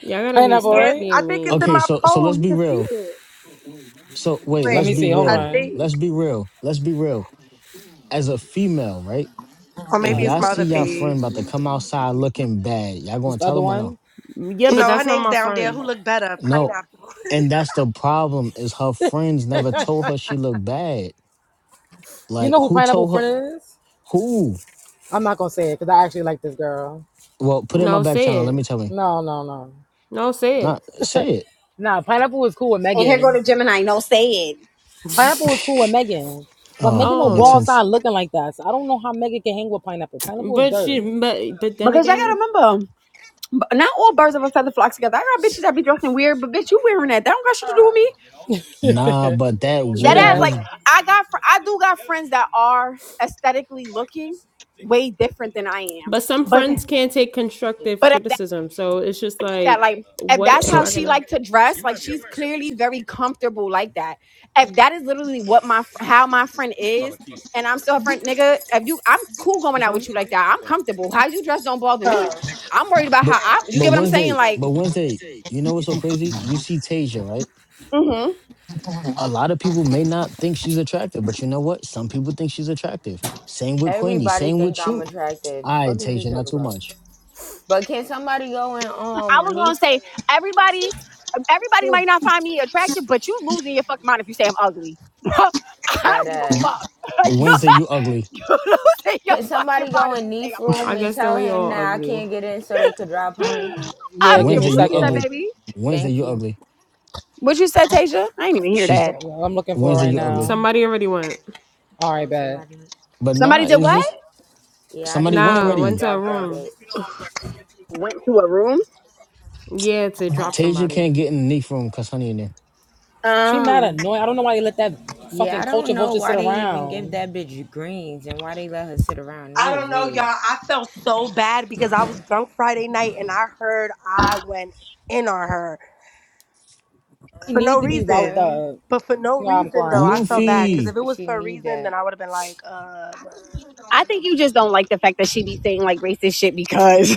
[SPEAKER 9] Y'all gotta be
[SPEAKER 6] pineapple,
[SPEAKER 3] yes,
[SPEAKER 9] stop
[SPEAKER 6] right?
[SPEAKER 3] I
[SPEAKER 9] being
[SPEAKER 3] think it's in
[SPEAKER 9] mean.
[SPEAKER 8] Okay,
[SPEAKER 3] my
[SPEAKER 8] so so
[SPEAKER 3] poll.
[SPEAKER 8] let's
[SPEAKER 3] You
[SPEAKER 8] be
[SPEAKER 3] can see
[SPEAKER 8] real.
[SPEAKER 3] it.
[SPEAKER 8] So wait,
[SPEAKER 6] Let
[SPEAKER 8] let's
[SPEAKER 6] me
[SPEAKER 3] Wait,
[SPEAKER 8] be
[SPEAKER 6] see. Hold
[SPEAKER 3] I
[SPEAKER 8] real.
[SPEAKER 6] on.
[SPEAKER 3] think.
[SPEAKER 8] Let's be real. Let's be real. As a female, right?
[SPEAKER 3] Or
[SPEAKER 8] If
[SPEAKER 3] maybe
[SPEAKER 6] All right.
[SPEAKER 3] it's
[SPEAKER 8] y'all
[SPEAKER 3] my
[SPEAKER 8] see
[SPEAKER 3] other
[SPEAKER 8] y'all
[SPEAKER 3] page.
[SPEAKER 8] friend about to come outside looking bad, y'all
[SPEAKER 6] This
[SPEAKER 8] gonna
[SPEAKER 6] the
[SPEAKER 8] tell
[SPEAKER 6] other
[SPEAKER 8] them or
[SPEAKER 6] one.
[SPEAKER 8] no?
[SPEAKER 9] Yeah, but
[SPEAKER 3] No, her
[SPEAKER 9] that's not
[SPEAKER 3] name's
[SPEAKER 9] my
[SPEAKER 3] down there.
[SPEAKER 9] friend.
[SPEAKER 3] Who looked better?
[SPEAKER 8] No,
[SPEAKER 3] Pineapple.
[SPEAKER 8] and that's the problem is her friends never told her she looked bad.
[SPEAKER 6] You
[SPEAKER 8] Like
[SPEAKER 6] know who
[SPEAKER 8] who
[SPEAKER 6] Pineapple
[SPEAKER 8] told her?
[SPEAKER 6] Friend is?
[SPEAKER 8] Who?
[SPEAKER 6] I'm not gonna say it because I actually like this girl.
[SPEAKER 8] Well, put it in my
[SPEAKER 9] No,
[SPEAKER 8] back
[SPEAKER 9] say
[SPEAKER 8] channel. Let
[SPEAKER 9] it.
[SPEAKER 8] me tell me.
[SPEAKER 6] No, no, no.
[SPEAKER 9] No, say
[SPEAKER 8] Not say it.
[SPEAKER 6] Nah, Pineapple was cool with
[SPEAKER 1] And here go
[SPEAKER 6] Megan.
[SPEAKER 1] to Gemini, no say it.
[SPEAKER 9] it.
[SPEAKER 6] Pineapple was cool with Megan. But
[SPEAKER 8] Oh,
[SPEAKER 6] Megan don't
[SPEAKER 8] makes
[SPEAKER 9] Oh,
[SPEAKER 6] go outside
[SPEAKER 8] sense.
[SPEAKER 6] looking like that. So I don't know how Megan can hang with Pineapple. Pineapple is
[SPEAKER 9] But
[SPEAKER 6] dirt.
[SPEAKER 9] she, but but then
[SPEAKER 1] Because y'all gotta
[SPEAKER 9] again,
[SPEAKER 1] remember, b- not all birds of a feather flock together. I got bitches that be dressing weird, but bitch, you wearing that. That don't got shit to do with me.
[SPEAKER 3] I
[SPEAKER 8] Nah, but that
[SPEAKER 6] True
[SPEAKER 1] That
[SPEAKER 8] wig
[SPEAKER 1] ass,
[SPEAKER 6] that.
[SPEAKER 1] like
[SPEAKER 8] was
[SPEAKER 1] I got, fr- I do got friends that are aesthetically looking way different than I am.
[SPEAKER 9] but some
[SPEAKER 1] But
[SPEAKER 9] friends can't take constructive
[SPEAKER 1] but if that,
[SPEAKER 9] criticism, so it's just
[SPEAKER 1] that
[SPEAKER 9] like,
[SPEAKER 1] like if
[SPEAKER 9] what
[SPEAKER 1] that's
[SPEAKER 9] am
[SPEAKER 8] so.
[SPEAKER 1] how
[SPEAKER 9] I
[SPEAKER 1] she
[SPEAKER 9] gonna?
[SPEAKER 1] like to dress, like she's clearly very comfortable like that. If that is literally what my fr- how my friend is, and I'm still her friend, nigga. If you, I'm cool going
[SPEAKER 6] This
[SPEAKER 1] out with
[SPEAKER 6] one?
[SPEAKER 1] you like that. I'm comfortable. How you dress don't bother me. I'm worried about how
[SPEAKER 8] But
[SPEAKER 1] I. You
[SPEAKER 8] but
[SPEAKER 1] get what I'm saying?
[SPEAKER 8] Wednesday.
[SPEAKER 1] Like.
[SPEAKER 8] But Wednesday. You know what's so crazy? You see Tasia, right? A lot of people may not think she's attractive, but you know what? Some people think she's attractive. Same with Queenie.
[SPEAKER 7] Everybody
[SPEAKER 8] Same
[SPEAKER 7] think
[SPEAKER 8] with
[SPEAKER 7] I'm
[SPEAKER 8] you.
[SPEAKER 7] attractive.
[SPEAKER 8] I
[SPEAKER 7] Fuck is you
[SPEAKER 8] Tasia, not
[SPEAKER 7] talking
[SPEAKER 8] too
[SPEAKER 7] about?
[SPEAKER 8] much.
[SPEAKER 7] But can somebody go in
[SPEAKER 1] I was
[SPEAKER 7] um
[SPEAKER 1] gonna
[SPEAKER 7] Neef
[SPEAKER 1] say everybody, everybody might not find me attractive, but you losing your fucking mind if you say I'm ugly. I
[SPEAKER 7] that
[SPEAKER 1] don't give a
[SPEAKER 7] ass?
[SPEAKER 1] fuck. you
[SPEAKER 8] Wednesday, you ugly.
[SPEAKER 1] you losing your
[SPEAKER 7] Can
[SPEAKER 1] fucking
[SPEAKER 7] somebody
[SPEAKER 1] mind
[SPEAKER 7] go
[SPEAKER 1] if
[SPEAKER 7] in
[SPEAKER 1] you say
[SPEAKER 7] Neef
[SPEAKER 1] I'm
[SPEAKER 7] room
[SPEAKER 9] I
[SPEAKER 7] and
[SPEAKER 9] guess then
[SPEAKER 7] tell
[SPEAKER 9] we
[SPEAKER 7] him
[SPEAKER 9] all
[SPEAKER 7] that I
[SPEAKER 9] ugly.
[SPEAKER 7] can't get in so they could drop honey?
[SPEAKER 1] ugly. I
[SPEAKER 6] Yeah,
[SPEAKER 1] don't
[SPEAKER 6] give
[SPEAKER 1] give a
[SPEAKER 6] me
[SPEAKER 8] Wednesday,
[SPEAKER 6] a
[SPEAKER 1] what
[SPEAKER 8] you
[SPEAKER 1] you said,
[SPEAKER 6] second.
[SPEAKER 8] ugly.
[SPEAKER 1] baby.
[SPEAKER 8] Wednesday,
[SPEAKER 7] Thank
[SPEAKER 8] you
[SPEAKER 7] you.
[SPEAKER 8] ugly.
[SPEAKER 1] What you said, Tasha? I didn't even hear
[SPEAKER 6] I'm,
[SPEAKER 8] She's
[SPEAKER 1] that.
[SPEAKER 6] go- I'm looking for it
[SPEAKER 8] Wednesday,
[SPEAKER 6] right
[SPEAKER 8] you ugly.
[SPEAKER 6] now.
[SPEAKER 9] Somebody already went.
[SPEAKER 6] All right,
[SPEAKER 7] Oh,
[SPEAKER 6] bet.
[SPEAKER 7] somebody.
[SPEAKER 8] But
[SPEAKER 1] Somebody
[SPEAKER 8] nah,
[SPEAKER 1] did
[SPEAKER 8] it's
[SPEAKER 1] what?
[SPEAKER 8] just
[SPEAKER 7] Yeah, I
[SPEAKER 8] somebody
[SPEAKER 7] just
[SPEAKER 8] went
[SPEAKER 7] want
[SPEAKER 9] Nah,
[SPEAKER 7] them to
[SPEAKER 9] went
[SPEAKER 8] already.
[SPEAKER 9] to a
[SPEAKER 7] drop that
[SPEAKER 9] room.
[SPEAKER 7] bitch.
[SPEAKER 1] Went to a room.
[SPEAKER 9] Yeah, to drop
[SPEAKER 8] Tasia
[SPEAKER 9] somebody.
[SPEAKER 8] can't get in the knee from cause honey in there.
[SPEAKER 6] She mad
[SPEAKER 1] Oh,
[SPEAKER 6] annoying. I don't know why they let that
[SPEAKER 7] Yeah,
[SPEAKER 6] fucking
[SPEAKER 7] I don't
[SPEAKER 6] culture
[SPEAKER 7] know
[SPEAKER 6] vulture sit
[SPEAKER 7] why they even give
[SPEAKER 6] around.
[SPEAKER 7] that bitch greens and why they let her sit around. It
[SPEAKER 3] don't
[SPEAKER 7] is
[SPEAKER 3] know, y'all.
[SPEAKER 7] weird.
[SPEAKER 3] I felt so bad because I was drunk Friday night and I heard I went in on her.
[SPEAKER 6] He
[SPEAKER 3] for no
[SPEAKER 6] need to be
[SPEAKER 7] For
[SPEAKER 6] wowed
[SPEAKER 3] reason.
[SPEAKER 7] real?
[SPEAKER 6] up.
[SPEAKER 3] But for no
[SPEAKER 6] No, I'm
[SPEAKER 3] reason though, I
[SPEAKER 6] crying.
[SPEAKER 7] She
[SPEAKER 3] felt bad because
[SPEAKER 7] needs
[SPEAKER 8] Luffy,
[SPEAKER 3] if it was
[SPEAKER 7] she
[SPEAKER 3] for a
[SPEAKER 7] need
[SPEAKER 3] reason, then
[SPEAKER 7] that.
[SPEAKER 3] I would have been like, uh.
[SPEAKER 1] I think you just don't like the fact that she be saying like racist shit because.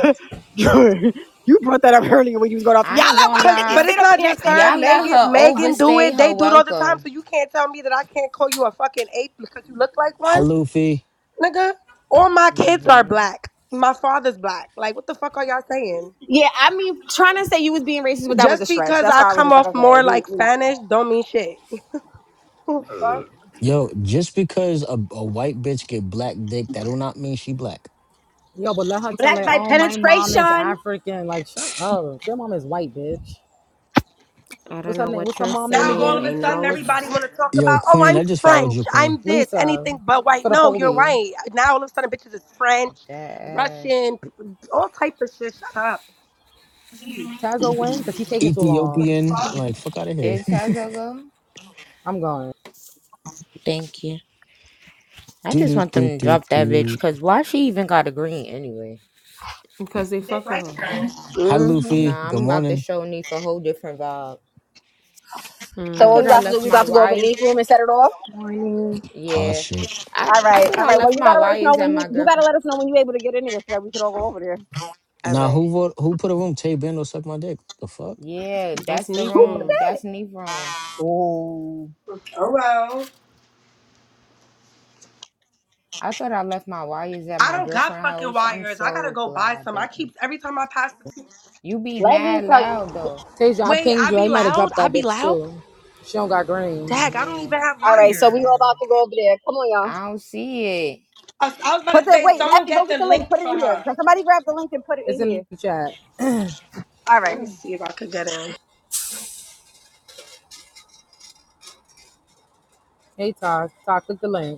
[SPEAKER 1] You brought that up earlier when you was going off. Y'all
[SPEAKER 7] I ain't
[SPEAKER 1] let
[SPEAKER 7] gonna
[SPEAKER 1] white
[SPEAKER 3] Cause,
[SPEAKER 1] bitches
[SPEAKER 3] but
[SPEAKER 7] lie.
[SPEAKER 1] sit
[SPEAKER 3] it's
[SPEAKER 1] up
[SPEAKER 3] not
[SPEAKER 1] here
[SPEAKER 3] just
[SPEAKER 1] and say y'all
[SPEAKER 3] her.
[SPEAKER 7] Y'all let
[SPEAKER 1] call
[SPEAKER 3] Megan,
[SPEAKER 7] her
[SPEAKER 1] us.
[SPEAKER 3] Megan do
[SPEAKER 7] overstay
[SPEAKER 3] it. They
[SPEAKER 7] her
[SPEAKER 3] do it all the time. So
[SPEAKER 7] welcome.
[SPEAKER 3] you can't tell me that I can't call you a fucking ape because you look like
[SPEAKER 8] hi
[SPEAKER 3] one,
[SPEAKER 8] Luffy.
[SPEAKER 3] nigga. All my kids are black. My father's black. Like, what the fuck are y'all saying?
[SPEAKER 1] Yeah, I mean, trying to say you was being racist, but that was
[SPEAKER 3] Just
[SPEAKER 1] a stretch.
[SPEAKER 3] because
[SPEAKER 1] That's
[SPEAKER 3] I
[SPEAKER 1] why I was
[SPEAKER 3] come
[SPEAKER 1] just like,
[SPEAKER 3] off
[SPEAKER 1] okay,
[SPEAKER 3] more
[SPEAKER 1] we,
[SPEAKER 3] like
[SPEAKER 1] we not doing that.
[SPEAKER 3] Spanish, don't mean shit. Fuck.
[SPEAKER 8] Yo, just because a, a white bitch get black dick, that do not mean she black.
[SPEAKER 6] Yo, but let her tell
[SPEAKER 1] Black
[SPEAKER 6] it.
[SPEAKER 1] by
[SPEAKER 6] Oh, my mom is
[SPEAKER 1] penetration.
[SPEAKER 6] African. Like, shut up. Your mom is white, bitch.
[SPEAKER 9] I
[SPEAKER 6] What's
[SPEAKER 9] don't
[SPEAKER 6] her
[SPEAKER 9] know
[SPEAKER 6] name?
[SPEAKER 9] what
[SPEAKER 6] What's her
[SPEAKER 9] you're
[SPEAKER 6] mom name
[SPEAKER 3] Now all
[SPEAKER 9] saying.
[SPEAKER 3] of
[SPEAKER 9] I
[SPEAKER 6] again?
[SPEAKER 3] a
[SPEAKER 6] Ki-
[SPEAKER 3] sudden
[SPEAKER 9] know
[SPEAKER 6] What's her?
[SPEAKER 3] everybody
[SPEAKER 9] it's
[SPEAKER 6] What's...
[SPEAKER 3] want to talk
[SPEAKER 8] Yo,
[SPEAKER 3] about, oh,
[SPEAKER 8] Queen,
[SPEAKER 3] I'm
[SPEAKER 8] I just followed
[SPEAKER 3] French,
[SPEAKER 8] you, Queen.
[SPEAKER 3] I'm this,
[SPEAKER 6] Lisa
[SPEAKER 3] anything but white.
[SPEAKER 6] for the
[SPEAKER 3] No, you're
[SPEAKER 6] police.
[SPEAKER 3] right. Now all of a sudden bitches is French,
[SPEAKER 7] That uh,
[SPEAKER 3] Russian, p- all type of shit. Shut up.
[SPEAKER 6] Tazo win because he taking too
[SPEAKER 3] The
[SPEAKER 6] long.
[SPEAKER 8] Ethiopian,
[SPEAKER 3] fuck?
[SPEAKER 8] like fuck out of here.
[SPEAKER 7] did Tazo go?
[SPEAKER 6] I'm going.
[SPEAKER 7] Thank you. I
[SPEAKER 8] do
[SPEAKER 7] just
[SPEAKER 8] do
[SPEAKER 7] want them
[SPEAKER 8] do
[SPEAKER 7] to
[SPEAKER 8] do
[SPEAKER 7] drop that bitch
[SPEAKER 8] do.
[SPEAKER 7] cause why she even got a green anyway?
[SPEAKER 9] because they
[SPEAKER 3] They
[SPEAKER 9] fuck with
[SPEAKER 3] like
[SPEAKER 9] her.
[SPEAKER 3] that.
[SPEAKER 8] Hi
[SPEAKER 1] hmm
[SPEAKER 8] Luffy,
[SPEAKER 7] Nah,
[SPEAKER 8] good
[SPEAKER 7] I'm about to
[SPEAKER 8] morning.
[SPEAKER 7] show Neef a whole different vibe. I
[SPEAKER 1] So what
[SPEAKER 9] Mm,
[SPEAKER 1] we
[SPEAKER 7] thought I
[SPEAKER 1] about to do?
[SPEAKER 7] left
[SPEAKER 1] We
[SPEAKER 7] my
[SPEAKER 1] about to go over to
[SPEAKER 7] wife
[SPEAKER 1] the room and set it off.
[SPEAKER 13] Morning.
[SPEAKER 8] Oh
[SPEAKER 7] Yeah.
[SPEAKER 8] shit.
[SPEAKER 7] I
[SPEAKER 1] All
[SPEAKER 7] I
[SPEAKER 1] right,
[SPEAKER 7] thought
[SPEAKER 1] all
[SPEAKER 7] I
[SPEAKER 1] right. Well,
[SPEAKER 7] left
[SPEAKER 1] you
[SPEAKER 7] my
[SPEAKER 1] gotta let us know
[SPEAKER 7] wires
[SPEAKER 1] when
[SPEAKER 7] at
[SPEAKER 1] you
[SPEAKER 7] my
[SPEAKER 1] you gotta
[SPEAKER 7] girlfriend.
[SPEAKER 1] let us know when you're able to get in there so that we can all go over there.
[SPEAKER 7] All
[SPEAKER 8] Now
[SPEAKER 7] right.
[SPEAKER 8] who vote, who put a room? Tay Bando suck my dick. The fuck?
[SPEAKER 7] Yeah,
[SPEAKER 9] that's
[SPEAKER 7] that's the
[SPEAKER 9] neat
[SPEAKER 1] Who put
[SPEAKER 9] for 'em.
[SPEAKER 7] room.
[SPEAKER 1] that?
[SPEAKER 7] That's Neve's room.
[SPEAKER 3] Oh well.
[SPEAKER 7] I thought I left my wires at
[SPEAKER 3] I
[SPEAKER 7] my
[SPEAKER 3] don't got fucking
[SPEAKER 7] girlfriend's house. I'm
[SPEAKER 3] wires. I gotta
[SPEAKER 7] so
[SPEAKER 3] go
[SPEAKER 7] glad
[SPEAKER 3] buy
[SPEAKER 7] I
[SPEAKER 3] some. I keep
[SPEAKER 7] didn't.
[SPEAKER 3] every time I pass the people.
[SPEAKER 7] You be
[SPEAKER 1] Let me
[SPEAKER 7] mad
[SPEAKER 1] tell you.
[SPEAKER 7] loud though.
[SPEAKER 6] Tasia, I
[SPEAKER 3] Wait,
[SPEAKER 6] pinged
[SPEAKER 3] I
[SPEAKER 6] you. I
[SPEAKER 3] be
[SPEAKER 6] might have
[SPEAKER 3] loud.
[SPEAKER 6] dropped
[SPEAKER 3] I
[SPEAKER 6] that
[SPEAKER 3] be
[SPEAKER 6] bitch
[SPEAKER 3] loud.
[SPEAKER 6] too. She don't got green.
[SPEAKER 3] Dag, I don't
[SPEAKER 7] Yeah.
[SPEAKER 3] even have
[SPEAKER 1] All
[SPEAKER 7] You
[SPEAKER 1] right,
[SPEAKER 7] be
[SPEAKER 1] so we
[SPEAKER 3] wires.
[SPEAKER 1] all
[SPEAKER 7] mad
[SPEAKER 1] about
[SPEAKER 7] loud.
[SPEAKER 1] to go over there. Come on, y'all.
[SPEAKER 7] I don't see it.
[SPEAKER 3] I, I was about
[SPEAKER 1] Put
[SPEAKER 3] to
[SPEAKER 1] the
[SPEAKER 3] say,
[SPEAKER 1] wait,
[SPEAKER 3] someone
[SPEAKER 1] Effie, go
[SPEAKER 3] get
[SPEAKER 1] get
[SPEAKER 3] the
[SPEAKER 1] the link.
[SPEAKER 3] link
[SPEAKER 1] Put it
[SPEAKER 3] for
[SPEAKER 1] in here.
[SPEAKER 3] her.
[SPEAKER 1] Somebody grab the link and put it
[SPEAKER 6] It's
[SPEAKER 1] in
[SPEAKER 6] in
[SPEAKER 1] here.
[SPEAKER 6] the chat.
[SPEAKER 1] All
[SPEAKER 3] Let
[SPEAKER 1] right.
[SPEAKER 3] me see if I could get in.
[SPEAKER 6] Hey, Talk. Talk. Click the link.